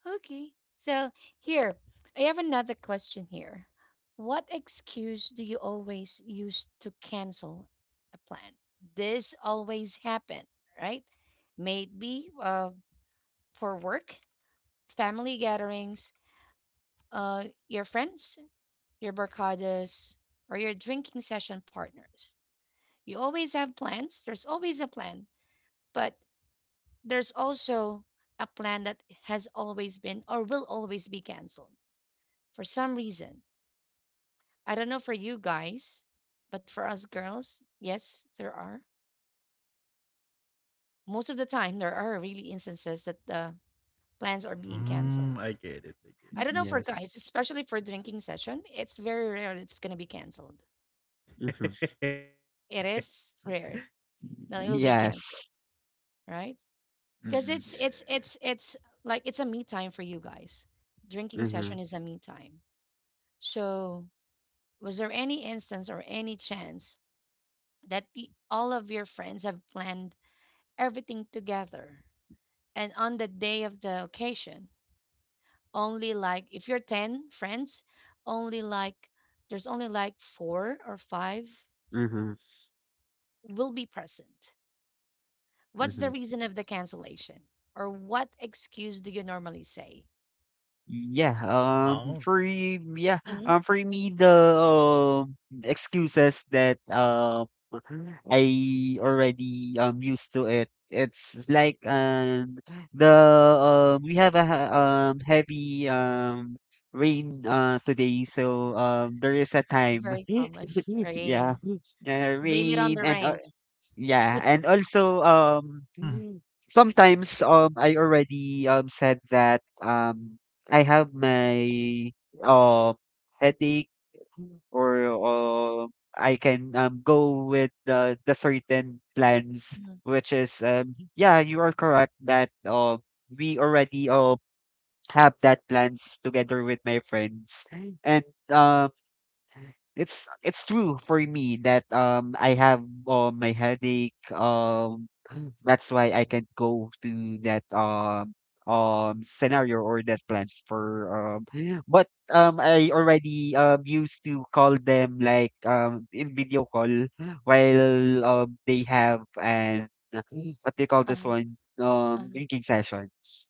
S1: Okay. So here, I have another question here. What excuse do you always use to cancel a plan? This always happen, right? Maybe for work, family gatherings, uh your friends, your barcadas, or your drinking session partners. You always have plans. There's always a plan, but there's also a plan that has always been, or will always be canceled for some reason. I don't know for you guys, but for us girls, yes, there are. Most of the time, there are really instances that the plans are being canceled.
S2: I get it. I
S1: I don't know for guys,
S3: Yes.
S1: especially for drinking session, it's very rare that it's going to be canceled.
S2: get
S3: Mhm.
S2: it.
S1: It is rare that it'll be canceled,
S3: Yes.
S1: right? Because
S3: Mhm.
S2: Yeah.
S1: it's like it's a me time for you guys. Drinking session
S3: Mhm.
S1: is a me time. So, was there any instance or any chance that all of your friends have planned everything together, and on the day of the occasion, only, like, if you're 10 friends, only, like, there's only, like, four or five
S3: Mhm.
S1: will be present? What's the
S3: Mhm.
S1: reason of the cancellation? Or what excuse do you normally say?
S3: Yeah,
S2: Oh.
S3: yeah,
S1: Mhm.
S3: for me, the um, excuses that I already used to it. It's like, the, we have a heavy rain today, so there is a time,
S1: Very common.
S3: yeah.
S1: Rain. Blame it on
S3: Rain,
S1: the
S3: and
S1: rain.
S3: yeah, and also um
S2: Hmm.
S3: mm, sometimes I already said that I have my uh headache, or I can go with the certain plans,
S1: Mhm.
S3: which is, yeah, you are correct that we already have that plans together with my friends. And um it's true for me that I have my headache, that's why I can't go to that scenario or that plans for, but I already used to call them, like, in video call while they have, and what they call this
S1: Uh-huh.
S3: one,
S1: Uh-huh.
S3: drinking sessions.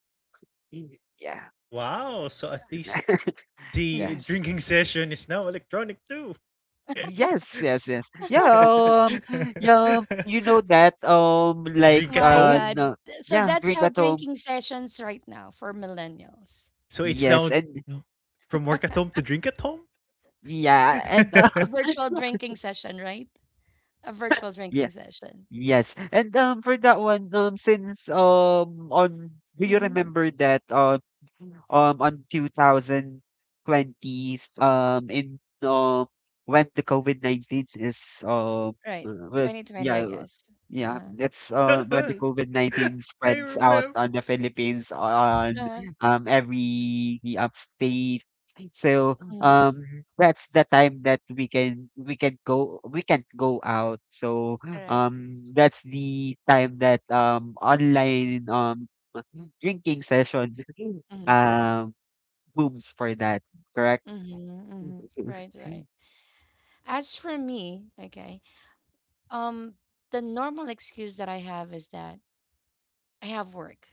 S3: Mm. Yeah.
S2: Wow. So at least the
S1: Mm-hmm.
S3: Yes.
S2: drinking session is now electronic too.
S3: Yes, yes, yes. Yeah, um, yeah, you know that,
S2: Drink at
S1: My
S2: home?
S1: God.
S3: no.
S1: So
S3: Yeah,
S1: that's
S3: drink
S1: how
S3: at home.
S1: drinking sessions right now for millennials.
S2: So it's
S3: Yes,
S2: now
S3: and
S2: from work at home to drink at home?
S3: yeah, and
S1: Virtual drinking session, right? A virtual drinking session.
S3: Yes. And for that one, since, on do you
S1: Mm-hmm.
S3: remember that, on 2020s, in when the COVID-19 is,
S1: Right.
S3: well,
S1: 2020, I
S3: yeah,
S1: guess.
S3: yeah,
S1: Uh,
S3: that's when the COVID-19
S2: I
S3: spreads out
S2: remember.
S3: on the Philippines on
S1: uh,
S3: every upstate. So
S1: mm,
S3: that's the time that we can go, we can't go out. so
S1: Correct.
S3: um, that's the time that online drinking session
S1: Mm-hmm.
S3: um booms for that, correct?
S1: Mm-hmm. Mm-hmm. Right, right. As for me, okay, um, the normal excuse that I have is that I have work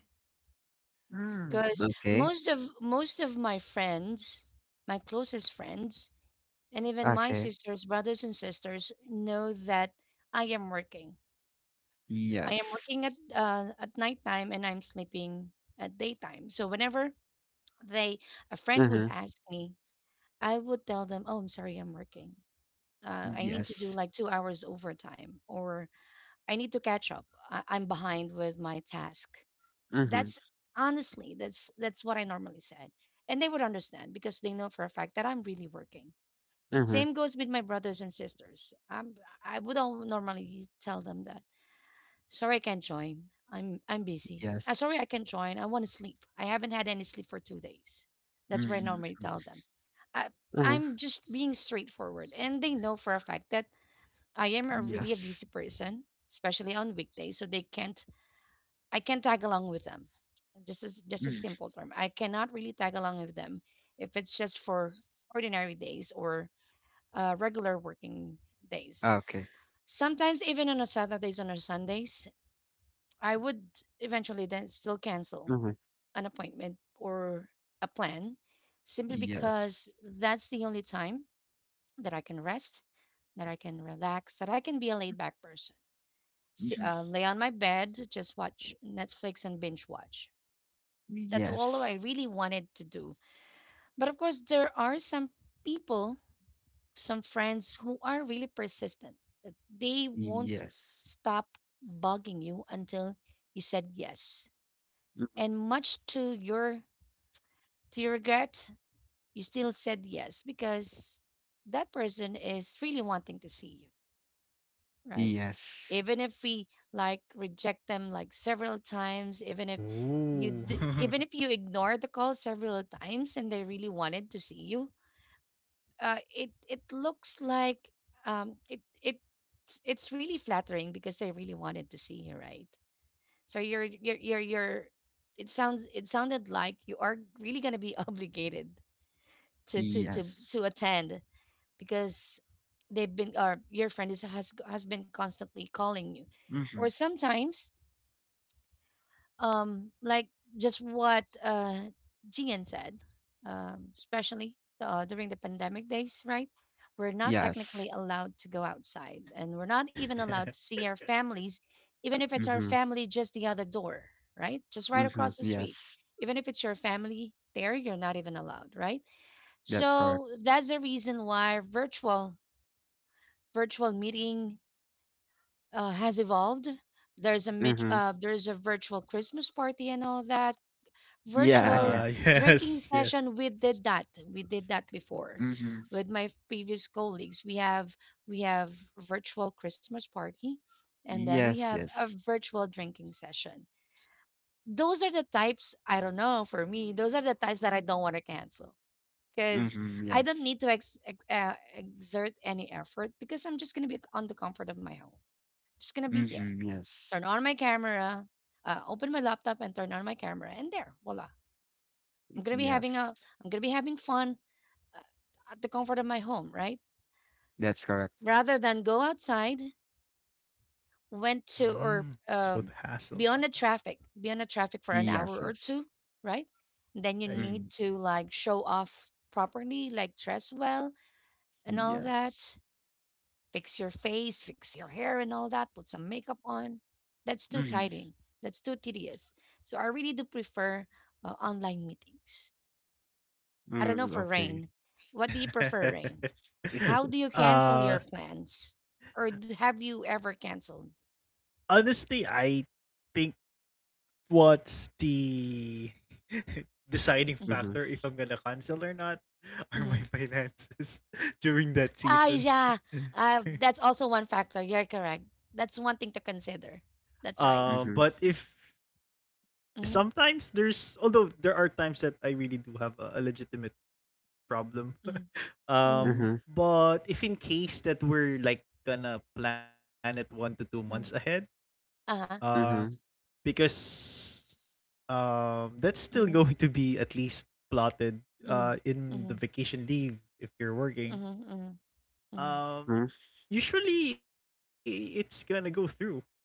S3: Mm.
S1: because
S3: Okay.
S1: most of my friends, my closest friends, and even my
S3: Okay.
S1: sisters, brothers and sisters know that I am working. I am
S3: Yes.
S1: working at nighttime and I'm sleeping at daytime. So whenever they a friend would
S3: Uh-huh.
S1: ask me, I would tell them, "Oh, I'm sorry, I'm working. I need to do
S3: Yes.
S1: like 2 hours overtime, or I need to catch up. I'm behind with my task."
S3: Uh-huh.
S1: That's honestly that's what I normally said, and they would understand because they know for a fact that I'm really working.
S3: Uh-huh.
S1: Same goes with my brothers and sisters. I wouldn't normally tell them that. Sorry, I can't join. I'm busy. Sorry,
S3: Yes.
S1: I can't join. I want to sleep. I haven't had any sleep for 2 days. That's what I
S3: Mm.
S1: normally tell them. I,
S3: Uh-huh.
S1: I'm just being straightforward, and they know for a fact that I am a really a
S3: Yes.
S1: busy person, especially on weekdays. So they can't. I can't tag along with them. Just as just a
S3: Mm.
S1: simple term. I cannot really tag along with them if it's just for ordinary days or regular working days.
S3: Okay.
S1: Sometimes even on a Saturdays and on Sundays, I would eventually then still cancel
S3: Uh-huh.
S1: an appointment or a plan simply because
S3: Yes.
S1: that's the only time that I can rest, that I can relax, that I can be a laid back person.
S3: Mhm.
S1: Lay on my bed, just watch Netflix and binge watch. That's all
S3: Yes.
S1: I really wanted to do. But of course, there are people some friends who are really persistent. uh, They won't
S3: Yes.
S1: stop bugging you until you said yes.
S3: Mhm.
S1: And much to your regret, you still said yes because that person is really wanting to see you, right?
S3: Yes.
S1: Even if we like reject them like several times, even if
S2: Ooh.
S1: even if you ignore the call several times and they really wanted to see you, it it looks like it it's really flattering because they really wanted to see you, right? So you're it sounds it sounded like you are really gonna be obligated to to to
S3: Yes.
S1: to attend because they've been or your friend is has been constantly calling you, or
S3: Mhm.
S1: sometimes like just what Gian said, especially during the pandemic days, right? We're not
S3: Yes.
S1: technically allowed to go outside and we're not even allowed to see our families, even if it's our
S3: Mhm.
S1: family just the other door, right? Just right
S3: Mhm.
S1: across the street.
S3: Yes,
S1: Even if it's your family there, you're not even allowed, right?
S3: that's
S1: So
S3: correct.
S1: that's the reason why virtual meeting has evolved. There's a
S3: Mhm.
S1: there's a virtual Christmas party and all that,
S3: Yeah, yeah.
S1: virtual drinking
S2: Yes, yes.
S1: session. We did that. We did that before
S3: Mhm.
S1: with my previous colleagues. We have virtual Christmas party and then we
S3: Yes,
S1: have a
S3: yes.
S1: virtual drinking session. Those are the types I don't know for me. Those are the types that I don't want to cancel because
S3: Mhm.
S1: I don't
S3: Yes.
S1: need to exert any effort because I'm just going to be on the comfort of my home. Just going to be there.
S3: Mhm. Yes.
S1: Turn on my camera, open my laptop and turn on my camera and there, voila, I'm gonna be having a
S3: Yes.
S1: I'm gonna be having fun uh, at the comfort of my home, right?
S3: That's correct.
S1: Rather than go outside, went
S2: Mm.
S1: to
S2: So
S1: or
S2: the hassle sometimes.
S1: be on the be on the traffic for an
S3: Yes,
S1: hour or
S3: yes.
S1: two, right?
S2: Uh,
S1: Then you
S3: Mhm.
S1: need to like show off properly, like dress well and all that,
S3: Yes.
S1: fix your face, fix your hair and all that, put some makeup on. That's too
S3: Mhm.
S1: tiring. That's too tedious. So I really do prefer online meetings. I don't know
S3: Mm,
S1: for
S3: okay.
S1: Rain. What do you
S2: yeah.
S1: prefer, Rain? How do you cancel your
S2: uh,
S1: plans? Or have you ever canceled?
S2: Honestly, I think what's the deciding
S1: Mm-hmm.
S3: Mhm.
S2: factor if I'm gonna cancel or not
S1: Mm-hmm.
S2: are my finances during that
S1: Ah,
S2: season.
S1: yeah. That's also one factor. You're correct. That's one thing to consider. That's
S2: But
S1: right.
S3: Mhm.
S2: if
S1: Mm-hmm.
S2: sometimes there's, although there are times that I really do have a legitimate problem.
S1: Mm-hmm.
S3: Mhm.
S2: But if in case that we're like gonna plan it 1 to 2 months ahead,
S1: Mm-hmm. Uh-huh.
S2: um,
S3: Mhm.
S2: because that's still
S1: Mm-hmm.
S2: going to be at least plotted
S1: Mm-hmm.
S2: in
S1: Mm-hmm.
S2: the vacation leave if you're working.
S1: Mm-hmm. Mm-hmm.
S2: Um,
S3: Mhm.
S2: Usually it's gonna go through with me.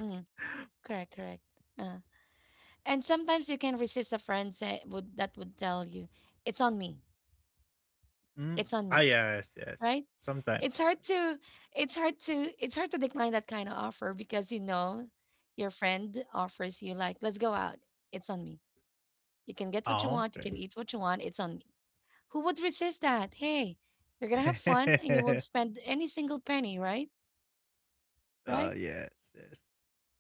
S1: Mm-hmm. Correct, correct. Uh, And sometimes you can resist a friend say, would that would tell you, it's on me.
S2: Mm.
S1: It's on
S2: Ah,
S1: me.
S2: yes, yes.
S1: Right?
S2: Sometimes,
S1: It's hard
S2: sometimes.
S1: to it's hard to decline that kind of offer because you know your friend offers you like, let's go out. It's on me. You can get
S2: Oh,
S1: what you want, you
S2: okay.
S1: can eat what you want, it's on me. Who would resist that? Hey, you're gonna have fun and you won't spend any single penny, right?
S2: Yes,
S1: Right?
S2: yes.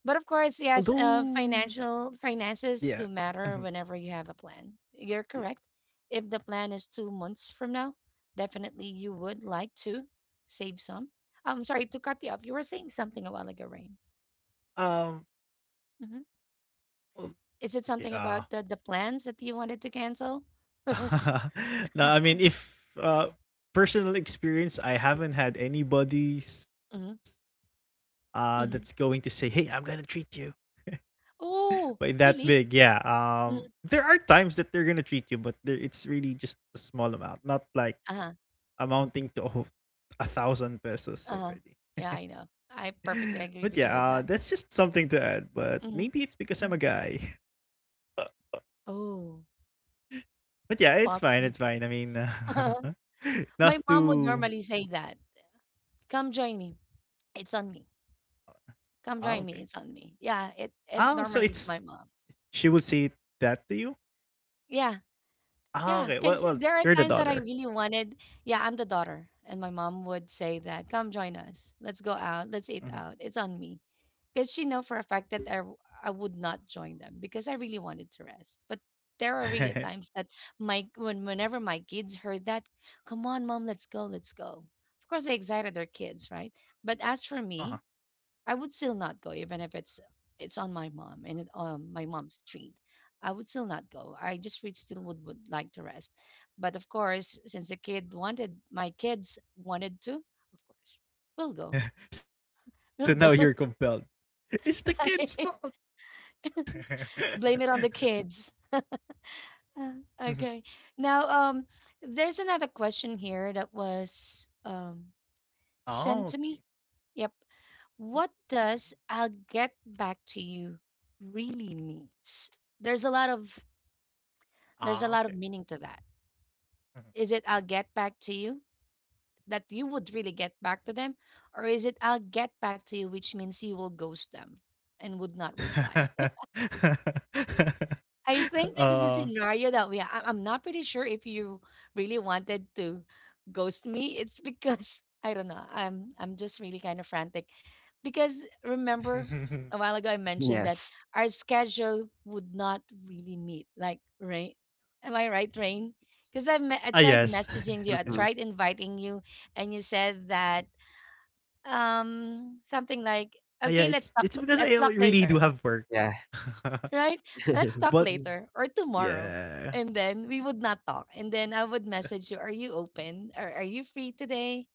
S1: But of course, yes,
S2: Although,
S1: financial
S2: yeah,
S1: finances do matter whenever you have a plan. You're
S2: yeah.
S1: correct. If the plan is 2 months from now, definitely you would like to save some. I'm sorry to cut you off. You were saying something a while ago, Rain.
S2: Um,
S1: Hmm.
S2: well,
S1: Is it
S2: okay.
S1: something about the plans that you wanted to cancel?
S2: No, I mean, if personal experience, I haven't had anybody's
S1: Hmm.
S2: that's going to
S1: Hmm.
S2: say, "Hey, I'm gonna treat you," but
S1: Oh,
S2: that big,
S1: really?
S2: yeah.
S1: Mm.
S2: There are times that they're gonna treat you, but there, it's really just a small amount, not like
S1: Uh-huh.
S2: amounting to, oh, a thousand pesos
S1: Uh-huh.
S2: already.
S1: Yeah, I know. I
S2: But yeah,
S1: perfectly agree
S2: that's
S1: with you
S2: just
S1: with that.
S2: something to add. But maybe it's because
S1: Hmm.
S2: I'm a guy.
S1: Oh,
S2: But yeah, it's fine. It's
S1: possibly.
S2: fine. I mean,
S1: My
S2: not
S1: mom would
S2: too.
S1: normally say that. Come join me. It's on me.
S2: Ah, okay.
S1: Come join me. It's on me. Yeah, it
S2: Ah, so
S1: it
S2: it's,
S1: normally it's my mom.
S2: she would say that to you.
S1: Yeah,
S2: Ah,
S1: yeah.
S2: okay.
S1: Because
S2: Well, well,
S1: there are
S2: you're
S1: times
S2: the
S1: that I
S2: daughter.
S1: really wanted. Yeah, I'm the daughter, and my mom would say that, "Come join us. Let's go out.
S2: Mhm.
S1: Let's eat out. It's on me." Because she know for a fact that I would not join them because I really wanted to rest. But there are really times that my when whenever my kids heard that, "Come on, mom, let's go, let's go." Of course, they excited their kids, right? But as for me,
S2: Ah.
S1: I would still not go even if it's it's on my mom and it on my mom's street. I would still not go. I just would would like to rest. But of course, since the kid wanted my kids wanted to, of course, we'll go.
S2: So
S1: We'll go.
S2: now you're compelled. It's the kid's fault.
S1: Blame it on the kids. Uh, Okay. Now, there's another question here that was sent to me.
S2: Oh,
S1: Yep.
S2: okay. Oh, oh.
S1: What does "I'll get back to you" really means? There's a lot of There's a lot of
S2: Ah,
S1: meaning
S2: okay.
S1: to that. Is it "I'll get back to you"? That you would really get back to them? Or is it "I'll get back to you", which means you will ghost them and would not reply?
S2: Mhm.
S1: I think this is a
S2: uh
S1: scenario that we. I'm not pretty sure if you really wanted to ghost me. It's because I don't know. I'm just really kind of frantic, because remember a while ago I mentioned that
S3: Yes.
S1: our schedule would not really meet. Like right, am I right, Rain? Because I tried
S2: ah, yes.
S1: messaging you. I
S3: Mhm.
S1: tried inviting you, and you said that something
S2: Ah,
S1: like
S2: yeah, it's
S1: okay,
S2: it's
S1: let's
S2: because I
S1: let's
S2: really
S1: talk
S2: do
S1: later,
S2: have work.
S3: Yeah.
S1: right? Let's talk
S2: But
S1: later or tomorrow.
S2: yeah.
S1: And then we would not talk. And then I would message you, are you open? Or are you free today?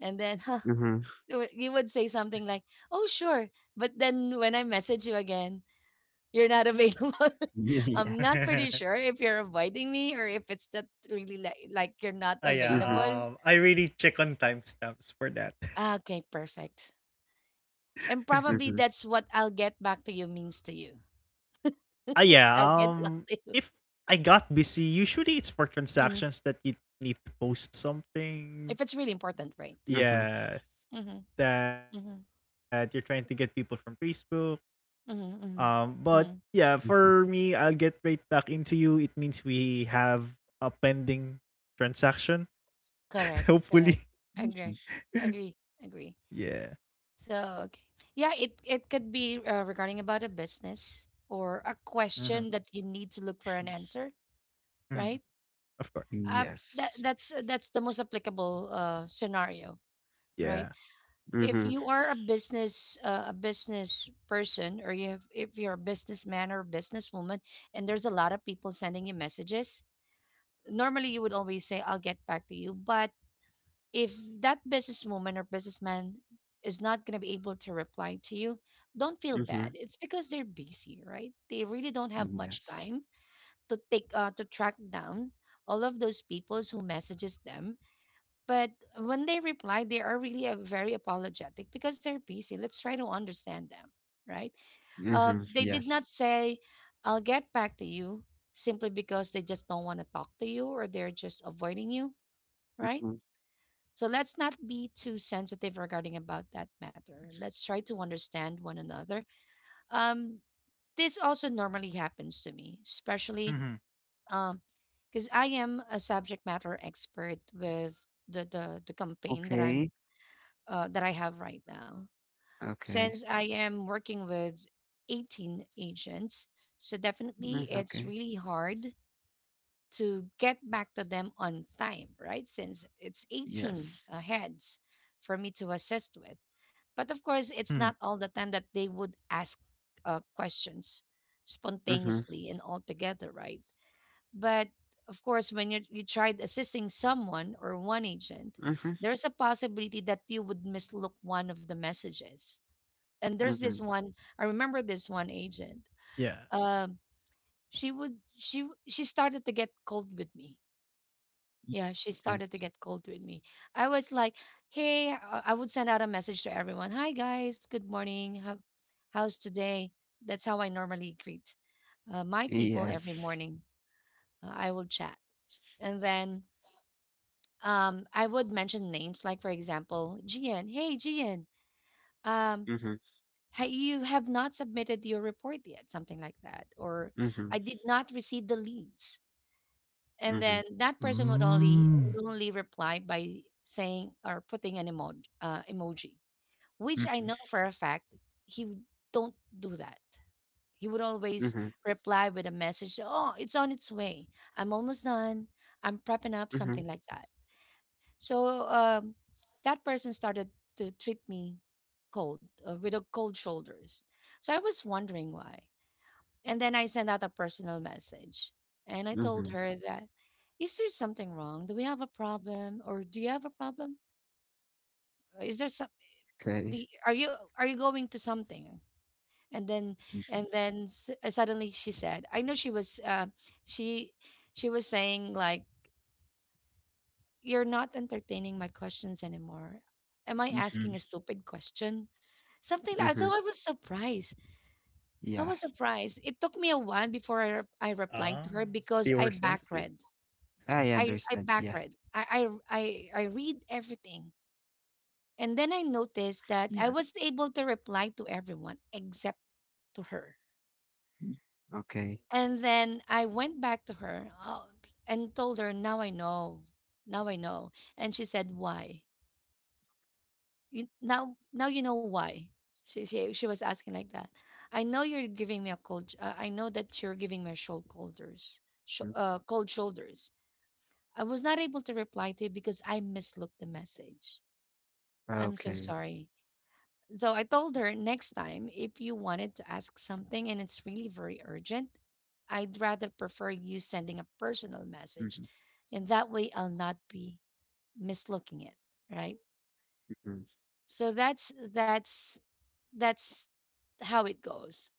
S1: And then huh,
S3: Mhm.
S1: you would say something like, oh, sure. But then when I message you again, you're not available.
S3: Yeah, yeah.
S1: I'm not pretty sure if you're avoiding me or if it's that really like you're not
S2: Ah, yeah,
S3: Mhm.
S1: available.
S2: I really check on timestamps for that.
S1: Ah, okay, perfect. And probably
S3: Mhm.
S1: that's what "I'll get back to you" means to you.
S2: Ah, yeah,
S1: I'll get back to you.
S2: if I got busy, usually it's for
S1: Mhm.
S2: transactions that you need to post something.
S1: If it's really important, right?
S3: Mhm.
S2: Yeah.
S1: Mm-hmm.
S2: That you're trying
S1: Mm-hmm.
S2: to get people from Facebook.
S1: Mm,
S2: But
S1: mm,
S2: yeah,
S1: mm.
S2: for me,
S3: Mhm.
S2: I'll get right back into you. It means we have a pending transaction,
S1: Correct,
S2: hopefully.
S1: correct.
S3: Mhm.
S1: Agree, agree, agree.
S2: Yeah.
S1: So, okay. Yeah, it could be regarding about a business or a
S2: Mm-hmm.
S1: question that you need to look for an answer,
S2: Mm-hmm.
S1: right?
S2: Of course, of course.
S1: Uh,
S3: Yes.
S1: that's the most applicable scenario, right?
S2: Yeah.
S1: If
S3: Mhm.
S1: you are a business person, or you have if you're a businessman or businesswoman and there's a lot of people sending you messages, normally you would always say I'll get back to you, but if that businesswoman or businessman is not going to be able to reply to you, don't feel bad.
S3: Mhm.
S1: It's because they're busy, right? They really don't have much
S3: Yes.
S1: time to take to track down all of those peoples who messages them. But when they reply, they are really very apologetic because they're busy. Let's try to understand them, right?
S3: Mhm,
S1: They did not
S3: yes.
S1: say, "I'll get back to you," simply because they just don't want to talk to you or they're just avoiding you, right?
S3: Mhm.
S1: So let's not be too sensitive regarding about that matter. Let's try to understand one another. Um, this also normally happens to me, especially
S2: Mm-hmm.
S1: um, because I am a subject matter expert with the campaign that I'm
S3: Okay,
S1: that I have right now. Since
S3: okay.
S1: I am working with 18 agents, so definitely
S3: Mm,
S1: it's
S3: okay.
S1: really hard to get back to them on time, right? Since it's 18
S3: Yes.
S1: heads for me to assist with. But of course,
S2: Mm-hmm.
S1: it's not all the time that they would ask questions
S3: Mhm,
S1: spontaneously and all together, right? But of course, when you tried assisting someone or one agent,
S3: mhm,
S1: there's a possibility that you would mislook one of the messages. And there's this
S3: mhm.
S1: one, I remember this one agent.
S2: Yeah.
S1: Um, she would she w- she started to get cold with me, yeah, she
S3: Okay.
S1: started to get cold with me. I was like, "Hey," I would send out a message to everyone. "Hi guys, good morning. How's today?" That's how I normally greet my people every
S3: Yes.
S1: morning. I will chat, and then I would mention names, like for example, Gian. Hey, Gian. Um,
S3: Mhm,
S1: you have not submitted your report yet, something like that, or I
S3: mhm,
S1: did not receive the leads. And then
S3: mhm,
S1: that person would only
S2: Mm.
S1: would only reply by saying or putting an emoji, emoji, which I
S3: mhm,
S1: know for a fact he w- don't do that. He would always
S3: mhm,
S1: reply with a message, oh, it's on its way, I'm almost done, I'm prepping up,
S3: mhm,
S1: something like that. So that person started to treat me cold, with a cold shoulders. So I was wondering why, and then I sent out a personal message and I told
S3: mhm.
S1: her that, is there something wrong? Do we have a problem? Or do you have a problem? Is there
S3: Okay.
S1: are you going to something? And then,
S3: Mhm,
S1: suddenly she said, I know she, she was saying like, you're not entertaining my questions anymore. Am I asking
S3: mhm,
S1: a stupid question? Something like, so I
S3: mhm.
S1: was surprised. I
S3: Yeah,
S1: was surprised. It took me a while before I replied to
S2: Ah,
S1: her because
S2: they
S1: I
S2: were sensitive.
S1: backread.
S3: I
S1: I
S3: understand. Yeah.
S1: backread. I read everything, and then I noticed that I was
S3: Yes.
S1: able to reply to everyone except to her.
S3: Mm, okay.
S1: And then I went back to her, and told her, "Now I know. Now I know." And she said, "Why? You, now you know why." She was asking like that. I know you're giving me a cold. I know that you're giving me a cold shoulders,
S3: Mm,
S1: cold shoulders. I was not able to reply to you because I mislooked the message. I'm so
S3: okay.
S1: sorry. So I told her, next time if you wanted to ask something and it's really very urgent, I'd rather prefer you sending a personal message.
S3: Mhm,
S1: And that way I'll not be mislooking it, right?
S3: mhm.
S1: So that's how it goes.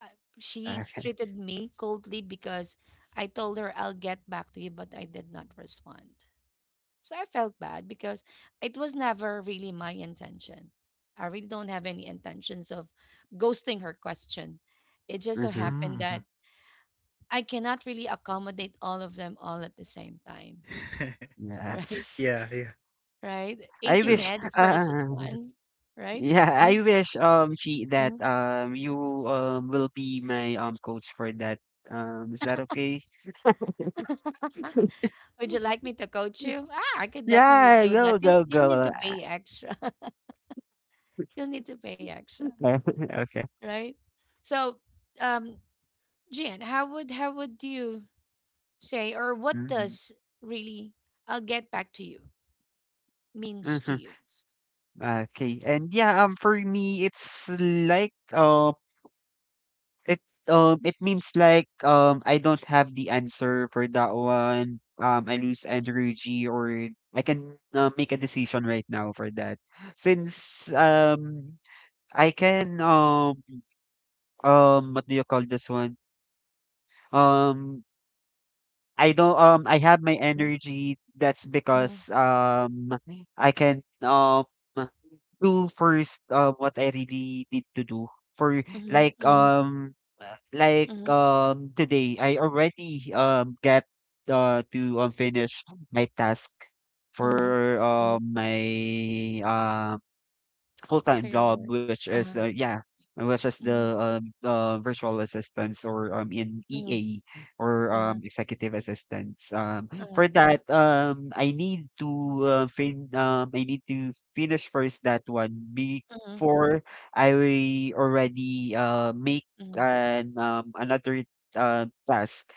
S1: She
S3: Okay.
S1: treated me coldly because I told her I'll get back to you, but I did not respond. So I felt bad because it was never really my intention. I really don't have any intentions of ghosting her question. It just so
S3: Mhm.
S1: happened that
S2: Mm-hmm.
S1: I cannot really accommodate all of them all at the same time, right?
S3: Yes.
S2: Yeah, yeah.
S1: Right?
S3: I
S1: 18
S2: True,
S3: wish.
S1: heads
S2: true.
S1: versus one, right?
S3: Yeah,
S1: Uh-huh.
S3: I wish, she that
S1: Mhm.
S3: you will be my coach for that. Is that okay?
S1: Would you like me to coach you? Ah, I could definitely
S3: Yeah,
S1: do that.
S3: go go
S1: You'll need to
S3: go.
S1: pay extra. You'll need to pay extra,
S3: Okay.
S1: right? So, um, Gian, how would you say, or what
S3: Mm-hmm.
S1: does really "I'll get back to you" means
S3: Mm-hmm.
S1: to you?
S3: Okay. And yeah, for me it's like um it um it means like I don't have the answer for that one. I lose energy or I can make a decision right now for that. Since I can, what do you call this one, um I don't I have my
S1: Mm-hmm,
S3: energy, that's
S1: mm-hmm,
S3: because I can do first, what I really need to do for, like
S1: mm-hmm,
S3: um uh, like
S1: mm-hmm,
S3: um today I already get to finish my task
S1: mm-hmm,
S3: for
S1: mm-hmm,
S3: my
S1: for
S3: full-time
S1: your
S3: job,
S1: work,
S3: which is,
S1: uh-huh,
S3: yeah, which is
S1: mm-hmm,
S3: the virtual assistants or in
S1: mm-hmm,
S3: EA or
S1: uh-huh,
S3: executive assistants.
S1: uh-huh,
S3: For that, I need to fin I need to finish first that one
S1: mm-hmm,
S3: before I already make
S1: mm-hmm.
S3: an another task.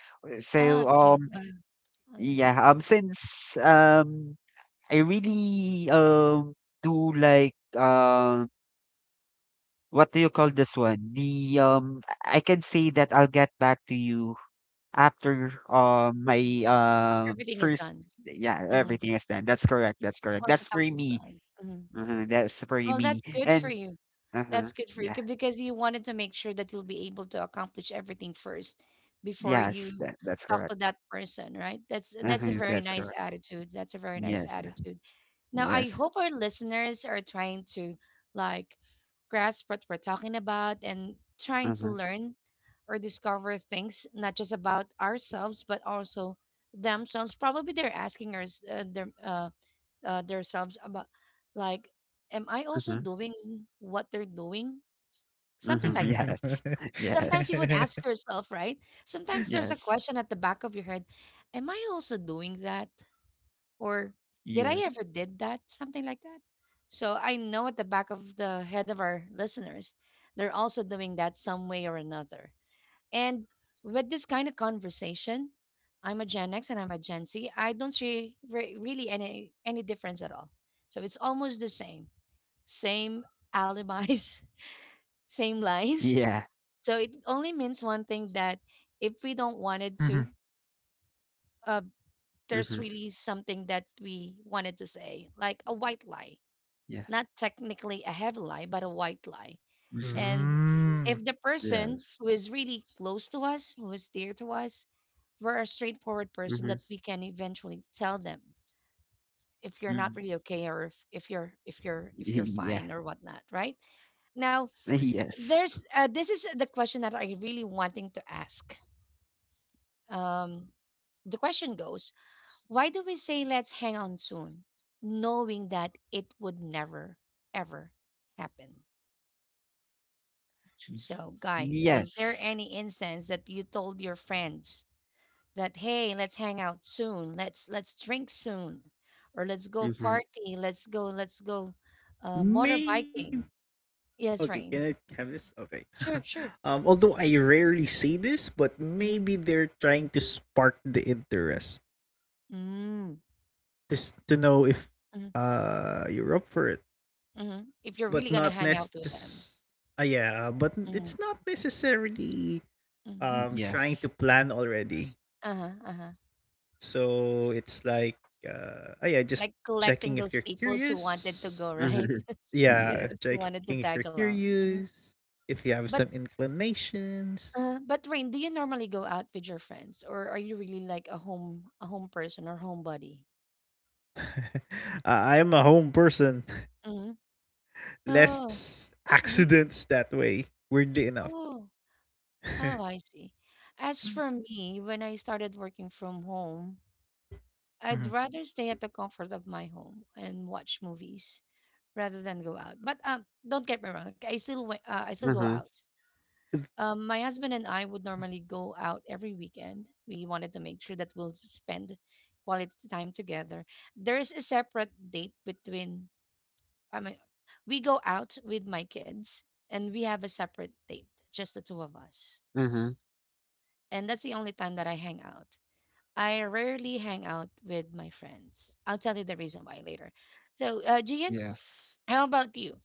S1: Ah,
S3: So
S1: okay,
S3: um
S1: uh,
S3: yeah um since um I really do like, what do you call this one? The I can say that I'll get back to you after my
S1: everything is
S3: first,
S1: done.
S3: yeah,
S1: Mm-hmm.
S3: everything is done. That's correct. That's correct.
S1: Once the
S3: That's for
S1: task is
S3: me.
S1: done. Mm-hmm.
S3: Uh-huh, that's for
S1: Well, that's
S3: me.
S1: good for
S3: And
S1: you.
S3: uh-huh,
S1: That's good for you
S3: yeah.
S1: 'cause- because you wanted to make sure that you'll be able to accomplish everything first before
S3: Yes,
S1: you
S3: that's
S1: talk
S3: correct.
S1: to that person, right? That's a
S3: Uh-huh,
S1: very
S3: that's
S1: nice
S3: correct.
S1: attitude. That's a very nice
S3: Yes.
S1: attitude. Now, I
S3: Yes.
S1: hope our listeners are trying to like grasp what we're talking about and trying to
S3: Uh-huh.
S1: learn or discover things not just about ourselves but also themselves. Probably they're asking us themselves about like, am I also
S3: Uh-huh.
S1: doing what they're doing, something
S3: Uh-huh.
S1: like that.
S3: Yes.
S1: Sometimes you
S3: Yes.
S1: would ask yourself, right? Sometimes there's a
S3: Yes.
S1: question at the back of your head, am I also doing that, or did I
S3: Yes.
S1: ever did that, something like that. So I know at the back of the head of our listeners, they're also doing that some way or another. And with this kind of conversation, I'm a Gen X and I'm a Gen Z. I don't see really any difference at all. So it's almost the same, same alibis, same lies.
S3: Yeah.
S1: So it only means one thing, that if we don't wanted to,
S2: hmm
S1: uh, there's
S3: Mm-hmm.
S1: really something that we wanted to say, like a white lie,
S3: Yeah.
S1: not technically a heavy lie, but a white lie.
S3: Mm-hmm.
S1: And
S2: mm,
S1: if the person who
S3: Yes.
S1: is really close to us, who is dear to us, we're a straightforward person
S3: Mm-hmm.
S1: that we can eventually tell them if you're not
S3: Mm.
S1: really okay, or if you're
S3: Yeah.
S1: fine or whatnot, right? Now,
S3: Yes.
S1: there's this is the question that I really wanting to ask. um the question goes, why do we say let's hang on soon, knowing that it would never ever happen? So guys, was there
S3: Yes.
S1: any instance that you told your friends that, hey, let's hang out soon, let's drink soon, or let's go
S3: Mhm.
S1: party, let's go
S2: may
S1: motorbiking?
S2: Okay,
S1: Yes,
S2: can I
S1: Rain.
S2: have this? Okay.
S1: Sure, sure.
S2: Although I rarely say this, but
S1: Mm-hmm.
S2: maybe they're trying to spark the interest,
S1: Mm,
S2: just to know if
S1: mm,
S2: you're up for it,
S1: mm, if you're really
S2: but
S1: gonna
S2: not
S1: hang out with them.
S2: necess. Yeah, but
S1: Mm,
S2: it's not necessarily
S1: mm,
S2: trying to
S3: Yes.
S2: plan already.
S1: uh-huh, uh-huh,
S2: So it's like, ah, yeah,
S1: like
S2: just
S1: collecting
S2: checking
S1: those
S2: if you're
S1: peoples who wanted to go,
S2: curious.
S1: right?
S3: Mhm. Yes.
S2: Yeah,
S1: Who wanted to
S2: checking if you're
S1: tag along. Mhm.
S2: curious, if you have
S1: But
S2: some inclinations.
S1: but Rain, do you normally go out with your friends, or are you really like a home person, or homebody?
S2: I am a home person.
S1: Mm-hmm. Oh.
S2: Less
S1: Mm-hmm.
S2: accidents that way. Weirdly enough.
S1: Oh. Oh, I see. As for me, when I started working from home, I'd rather stay at the comfort of my home and watch movies rather than go out. But don't get me wrong. Okay, I still go
S3: Mhm.
S1: out.
S2: Mm-hmm.
S1: My husband and I would normally go out every weekend. We wanted to make sure that we'll spend quality time together. There is a separate date between. I mean, we go out with my kids, and we have a separate date, just the two of us,
S3: Mhm.
S1: and that's the only time that I hang out. I rarely hang out with my friends. I'll tell you the reason why later. So, Gian,
S3: Yes.
S1: how about you?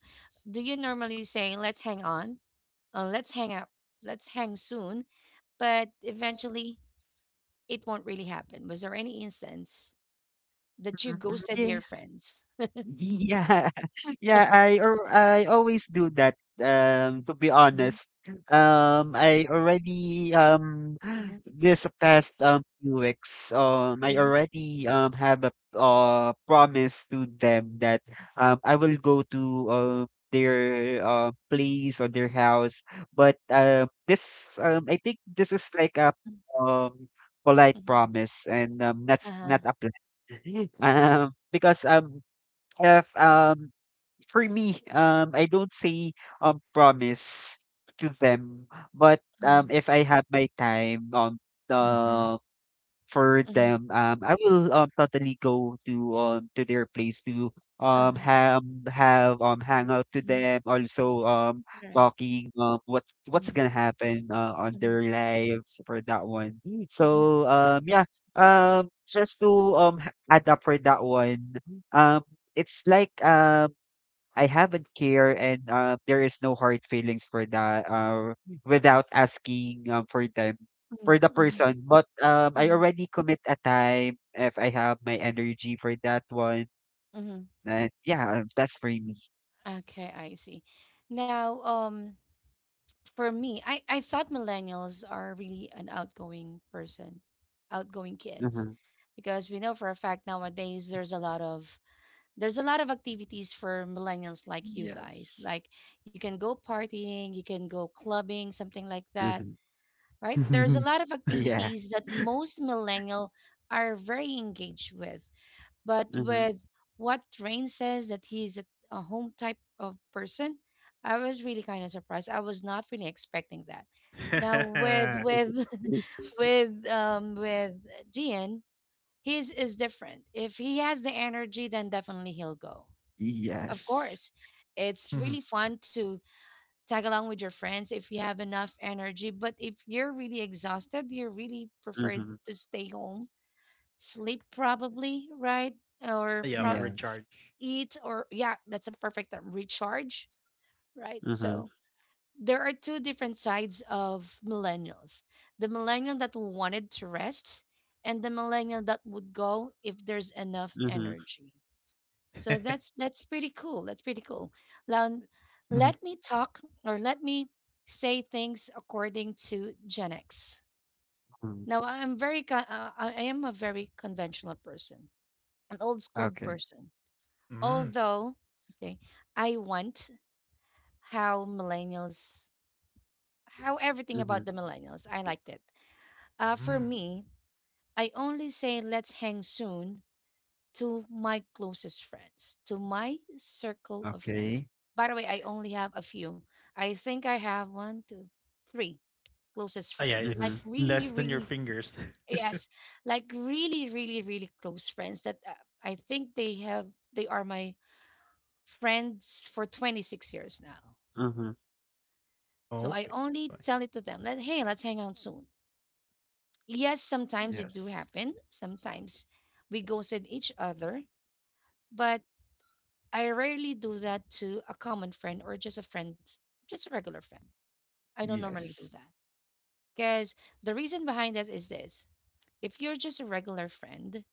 S1: Do you normally say, let's hang on, or let's hang up, let's hang soon, but eventually it won't really happen? Was there any instance that you ghosted your
S3: Mhm.
S1: friends?
S3: Yeah. Yeah, I always do that, to be
S1: Mm-hmm,
S3: honest. I
S1: mm-hmm,
S3: this past few weeks, I
S1: mm-hmm,
S3: already, have a, promise to them that, I will go to, their, place or their house. But, this, I think this is like a,
S1: mm-hmm,
S3: um, polite
S1: mm-hmm,
S3: promise and, that's
S1: uh-huh,
S3: not a plan. Because, if for me, I don't say promise to them, but
S1: hmm,
S3: if I have my time the for
S1: hmm,
S3: them, I will totally go to their place to um
S1: uh-huh,
S3: have have hang out to
S1: hmm,
S3: them. Also,
S1: correct.
S3: talking, what what's
S1: Mm-hmm,
S3: gonna happen, on
S1: mm-hmm,
S3: their lives for that one.
S1: mm-hmm,
S3: So, just to add up for that one um it's like, I haven't care and, there is no hard feelings for that, without asking, for them,
S1: mm-hmm,
S3: for the person.
S1: mm-hmm,
S3: But I already commit a time if I have my energy for that one.
S1: mm-hmm.
S3: And yeah, that's for me.
S1: Okay, I see. Now, for me, I thought millennials are really an outgoing person, outgoing kids,
S3: Mhm.
S1: because we know for a fact nowadays there's a lot of, activities for millennials like you guys.
S3: Yes.
S1: Like you can go partying, you can go clubbing, something like that,
S3: Hmm.
S1: right? There's a
S2: Mhm.
S1: lot of
S3: Yeah.
S1: activities that most millennial are very engaged with. But
S3: Mm-hmm.
S1: with what Rain says that he's a home type of person, I was really kind of surprised. I was not really expecting that. Now with
S2: Mhm.
S1: with with Gian, his is different. If he has the energy, then definitely he'll go. Of
S3: Yes.
S1: course, it's really
S2: Mhm.
S1: fun to tag along with your friends if you have enough energy. But if you're really exhausted, you really prefer
S3: Hmm.
S1: to stay home, sleep probably, right? Or
S2: Yeah, or
S3: Yes.
S2: recharge.
S1: eat, or yeah, that's a perfect term, recharge, right?
S3: Hmm.
S1: So there are two different sides of millennials, the millennial that wanted to rest and the millennial that would go if there's enough
S3: Hmm.
S1: energy. So
S2: Mhm.
S1: that's pretty cool. That's pretty cool. Now,
S2: Mm,
S1: let me talk, or let me say things according to Gen X.
S3: Hmm.
S1: Now I'm very I am a very conventional person, an old school
S3: Okay.
S1: person. Although, okay, I want how millennials, how everything about
S3: Hmm.
S1: the millennials. I liked it. For
S2: mm.
S1: me, I only say let's hang soon to my closest friends, to my circle of friends.
S3: Okay.
S1: By the way, I only have a few. I think I have one, two, three closest friends.
S2: Oh, yeah,
S1: Like
S3: Hmm.
S2: it's
S1: really,
S2: less
S1: really,
S2: than your fingers.
S1: yes, like really, really, really close friends that I think they have, they are my friends for 26 years now.
S3: Hmm.
S1: So I
S2: Oh,
S1: only
S2: okay,
S1: tell
S2: that's
S1: it
S2: why.
S1: to them that, hey, let's hang out soon. Yes, sometimes it do
S3: Yes.
S1: happen. Sometimes we ghosted each other, but I rarely do that to a common friend or just a friend, just a regular friend. I don't normally do
S3: Yes.
S1: that because the reason behind that is this: if you're just a regular friend,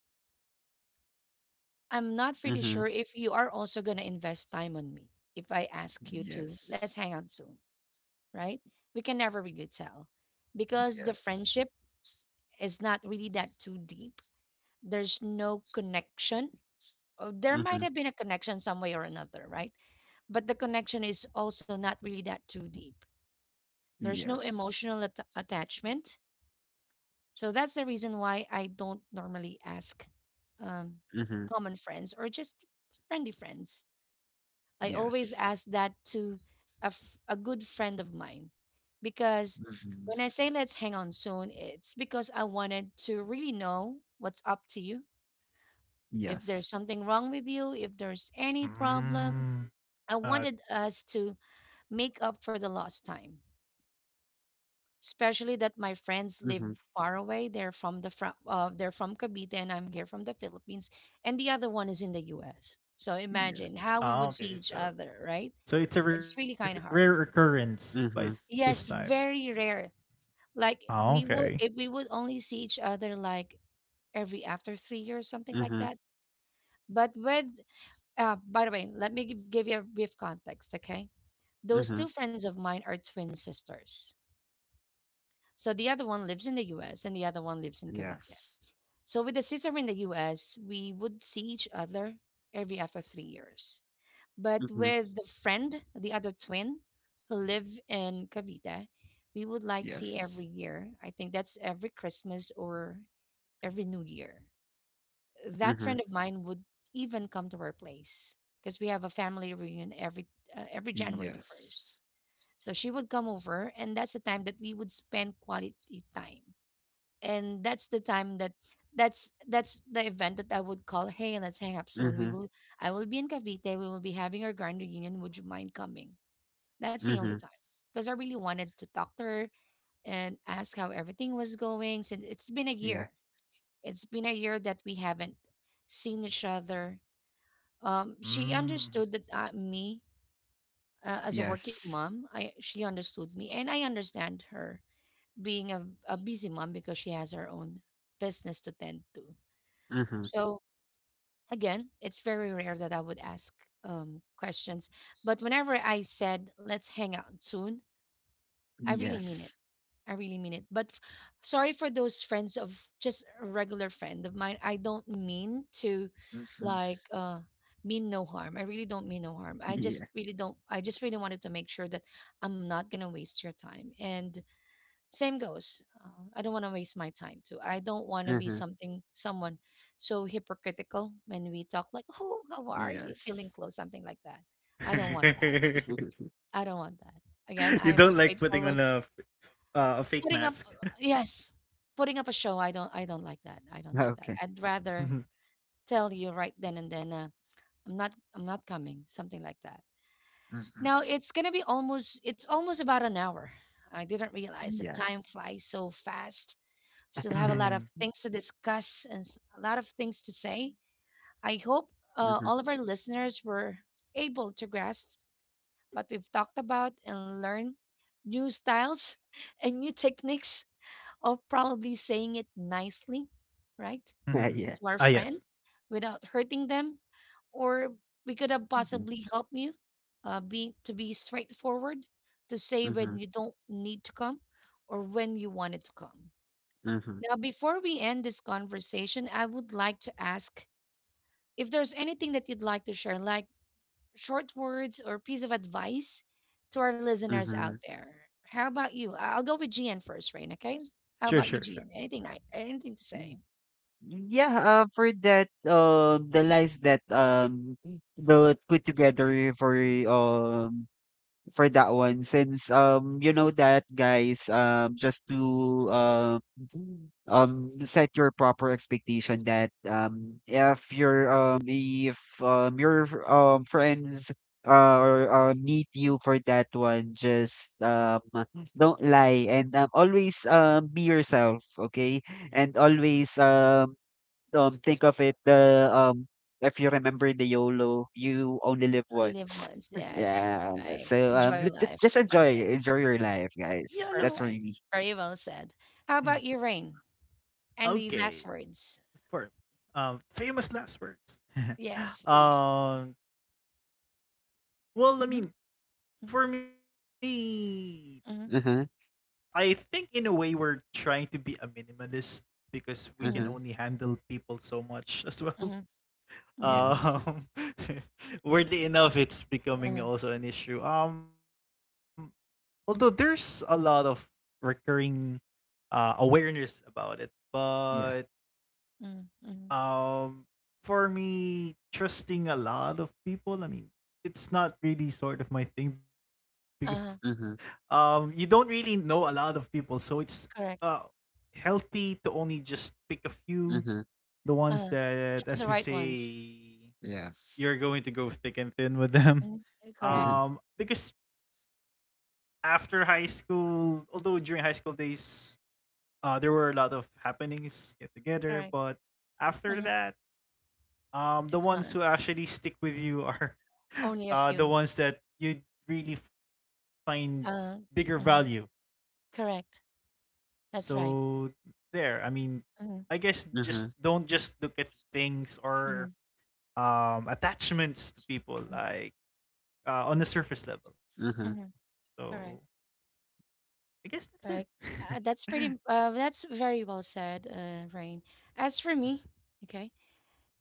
S1: I'm not pretty sure
S3: Hmm.
S1: if you are also gonna invest time on me. If I ask you to, let's hang
S3: Yes.
S1: out soon, right? We can never really tell because the
S3: Yes.
S1: friendship is not really that too deep. There's no connection there might
S3: Mm-hmm.
S1: have been a connection some way or another, right? But the connection is also not really that too deep. There's no
S3: Yes.
S1: attachment. So that's the reason why I don't normally ask um,
S3: Mm-hmm.
S1: common friends or just friendly friends. I always
S3: Yes.
S1: ask that to a good friend of mine because
S3: Mhm.
S1: when I say let's hang on soon, it's because I wanted to really know what's up to you. If there's
S3: Yes.
S1: something wrong with you, if there's any problem, I
S2: Mm.
S1: wanted
S2: Uh,
S1: us to make up for the lost time, especially that my friends live
S3: Mm-hmm.
S1: far away. They're from the from they're from Cavite, and I'm here from the Philippines, and the other one is in the U.S. So imagine how
S3: Yes.
S1: we would see each
S2: ah, okay,
S1: other,
S2: so,
S1: right? It's
S2: it's
S1: really
S2: a
S1: kind of hard.
S2: rare occurrence by
S3: Mm-hmm.
S1: Yes,
S2: this time.
S1: very rare. Like we
S2: Ah,
S1: would if we
S2: okay.
S1: would only see each other like every after 3 years, something like
S3: Mm-hmm.
S1: that. But with by the way, let me give you a brief context, okay? Those
S3: Mm-hmm.
S1: two friends of mine are twin sisters. So the other one lives in the US and the other one lives in Cavite.
S3: Yes.
S1: So with the sister in the US, we would see each other every after 3 years. But
S3: Mm-hmm.
S1: with the friend, the other twin who live in Cavite, we would like see
S3: Yes.
S1: every year. I think that's every Christmas or every New Year. That
S3: Mm-hmm.
S1: friend of mine would even come to our place because we have a family reunion every January the first.
S3: Yes.
S1: So she would come over, and that's the time that we would spend quality time, and that's the time that that's the event that I would call, hey, let's hang up soon.
S3: Mm-hmm.
S1: We will I will be in Cavite. We will be having our grand reunion. Would you mind coming? That's the only
S3: Mm-hmm.
S1: time. Because I really wanted to talk to her and ask how everything was going since it's been a
S3: Yeah.
S1: year. It's been a year that we haven't seen each other. She understood that
S2: Mm.
S1: me as a working
S3: Yes.
S1: mom, I she understood me, and I understand her being a busy mom because she has her own business to tend to.
S3: Mm-hmm.
S1: So again, it's very rare that I would ask questions. But whenever I said, let's hang out soon, I really mean it.
S3: Yes.
S1: I really mean it. But sorry for those friends of just a regular friend of mine. I don't mean to
S3: Hmm.
S1: like uh, mean no harm. I really don't mean no harm. I
S3: Yeah.
S1: just really don't, I just really wanted to make sure that I'm not going to waste your time. And same goes. I don't want to waste my time too. I don't want to be
S3: Mm-hmm.
S1: something someone so hypocritical when we talk like, "Oh, how are you?
S3: Yes.
S1: Feeling close?" Something like that. I don't want that. I don't want that. Again, I
S2: You
S1: am a
S2: don't like putting
S1: straightforward
S2: on a a fake
S1: putting up.
S2: mask.
S1: Yes, putting up a show. I don't. I don't like that. I don't like that.
S3: Okay.
S1: I'd rather
S2: Mhm,
S1: tell you right then and then. I'm not coming. Something like that.
S3: Hmm.
S1: Now it's gonna be almost. It's almost about an hour. I didn't realize that time
S3: Yes.
S1: flies so fast. Still have a lot of things to
S2: mhm,
S1: discuss and a lot of things to say. I hope
S3: Mm-hmm.
S1: all of our listeners were able to grasp what we've talked about and learn new styles and new techniques of probably saying it nicely, right,
S3: Yeah.
S1: to our
S2: mhm.
S1: friends
S2: Ah, yes.
S1: without hurting them. Or we could have
S3: Hmm.
S1: possibly helped you be straightforward to say when
S3: Mm-hmm.
S1: you don't need to come or when you wanted to come.
S3: Mm-hmm.
S1: Now, before we end this conversation, I would like to ask if there's anything that you'd like to share, like short words or piece of advice to our listeners out
S3: Mhm.
S1: there. How about you? I'll go with GN first, Rain, okay? How about you,
S2: Sure,
S1: GN?
S2: sure, sure.
S1: Anything like anything to say?
S3: Yeah, for that, the lines that the put together for um for that one, since you know that, guys, just to set your proper expectation that, if your friends, or meet you for that one, just, don't lie and, always be yourself, okay, and always think of it, the if you remember the YOLO, you only live
S1: Only live
S3: once.
S1: once. Yes.
S3: Yeah.
S1: Right.
S3: So,
S1: Enjoy life.
S3: just enjoy,
S1: Perfect.
S3: enjoy your life,
S2: Yeah,
S3: guys. That's
S2: no.
S3: for
S1: Perfect.
S3: me.
S1: Very well said. How
S2: Mhm.
S1: about you, Rain? Any last
S2: Okay,
S1: words?
S2: for famous last words.
S1: Yes, please.
S2: um, well, I
S1: Mm-hmm.
S2: mean,
S1: Mm-hmm.
S2: for me,
S1: Mm-hmm.
S3: Uh huh.
S2: I think in a way we're trying to be a minimalist because we can
S3: Uh huh.
S2: only handle people so much as well.
S1: Mm-hmm. Mm-hmm.
S3: Yes.
S2: Um, Weirdly enough, it's becoming
S1: Uh-huh.
S2: also an issue. Although there's a lot of recurring awareness about it, but
S3: Yeah.
S1: Mm-hmm.
S2: um for me, trusting a lot of people, I mean, it's not really sort of my thing. Because
S3: Uh huh.
S2: you don't really know a lot of people, so it's uh
S1: Correct.
S2: healthy to only just pick a few,
S3: Uh huh.
S2: the ones
S1: Uh-huh.
S2: that,
S1: Choose the
S2: as we
S1: right ones.
S2: say,
S3: Yes.
S2: you're going to go thick and thin with them.
S1: Mhm.
S3: Uh
S1: Correct.
S3: huh.
S2: Because after high school, although during high school days, there were a lot of happenings, get together,
S1: Correct.
S2: but after
S1: Uh,
S2: that, the
S1: it's
S2: ones
S1: gone.
S2: who actually stick with you are
S1: Only a
S2: the
S1: few.
S2: ones that you really find bigger
S1: Uh,
S2: value.
S1: mhm. Correct. That's right.
S2: So there, I mean,
S1: Hmm.
S2: I guess
S3: Uh
S2: just
S3: huh.
S2: don't just look at things
S1: Hmm.
S2: or attachments to people like on the surface level.
S1: Hmm.
S2: So
S1: Correct.
S2: I guess that's it.
S1: Correct. That's pretty. That's very well said, Rain. As
S2: Mhm.
S1: for
S2: Mhm.
S1: me, okay,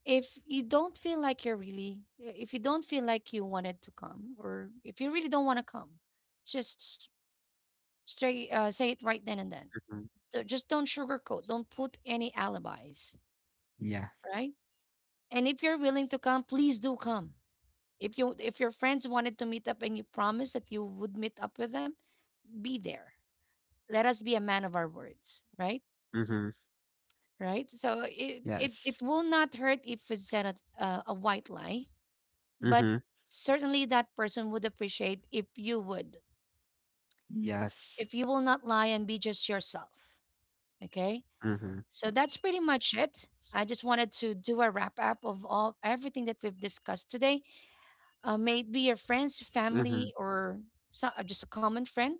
S1: if you don't feel like you wanted to come, or if you really don't want to come, just straight say it right then and then. Do Just don't sugarcoat. Don't put any alibis,
S3: Yeah.
S1: right? And if you're willing to come, please do come. If your friends wanted to meet up and you promised that you would meet up with them, be there. Let us be a man of our words, right?
S3: Uh huh.
S1: Right? So
S3: Yes.
S1: it will not hurt if it's said a white lie,
S3: Uh
S1: but
S3: huh.
S1: certainly that person would appreciate
S3: Yes.
S1: if you will not lie and be just yourself. Okay?
S3: Uh huh.
S1: So that's pretty much it. I just wanted to do a wrap up of all everything that we've discussed today, maybe your friends,
S3: Uh huh.
S1: family, or so, just a common friend.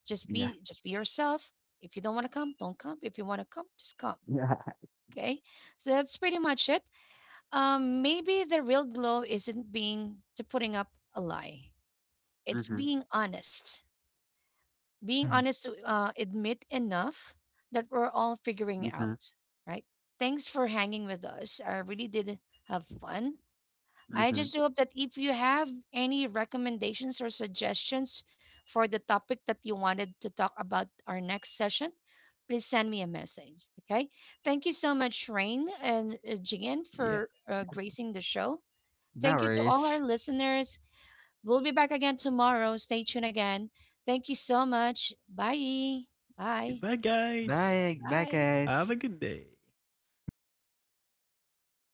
S3: Yeah.
S1: Just be yourself. If you don't want to come, don't come. If you want to come, just come.
S3: Yeah.
S1: Okay, so that's pretty much it. Maybe the real glow isn't being to putting up a lie.
S3: Uh
S1: It's
S3: huh.
S1: being honest.
S2: Mhm.
S1: Being honest to admit enough that we're all
S3: Uh
S1: figuring
S3: huh.
S1: out, right? Thanks for hanging with us. I really did have fun.
S3: Uh
S1: I
S3: huh.
S1: just do hope that if you have any recommendations or suggestions for the topic that you wanted to talk about our next session, please send me a message. Okay. Thank you so much, Rain, and Jian,
S2: Yeah.
S1: for gracing the show.
S3: No
S1: Thank you to all
S3: worries.
S1: our listeners. We'll be back again tomorrow. Stay tuned again. Thank you so much. Bye. Bye.
S2: Goodbye, guys.
S3: Bye. Bye,
S1: Bye.
S3: guys.
S2: Have a good day. Mhm.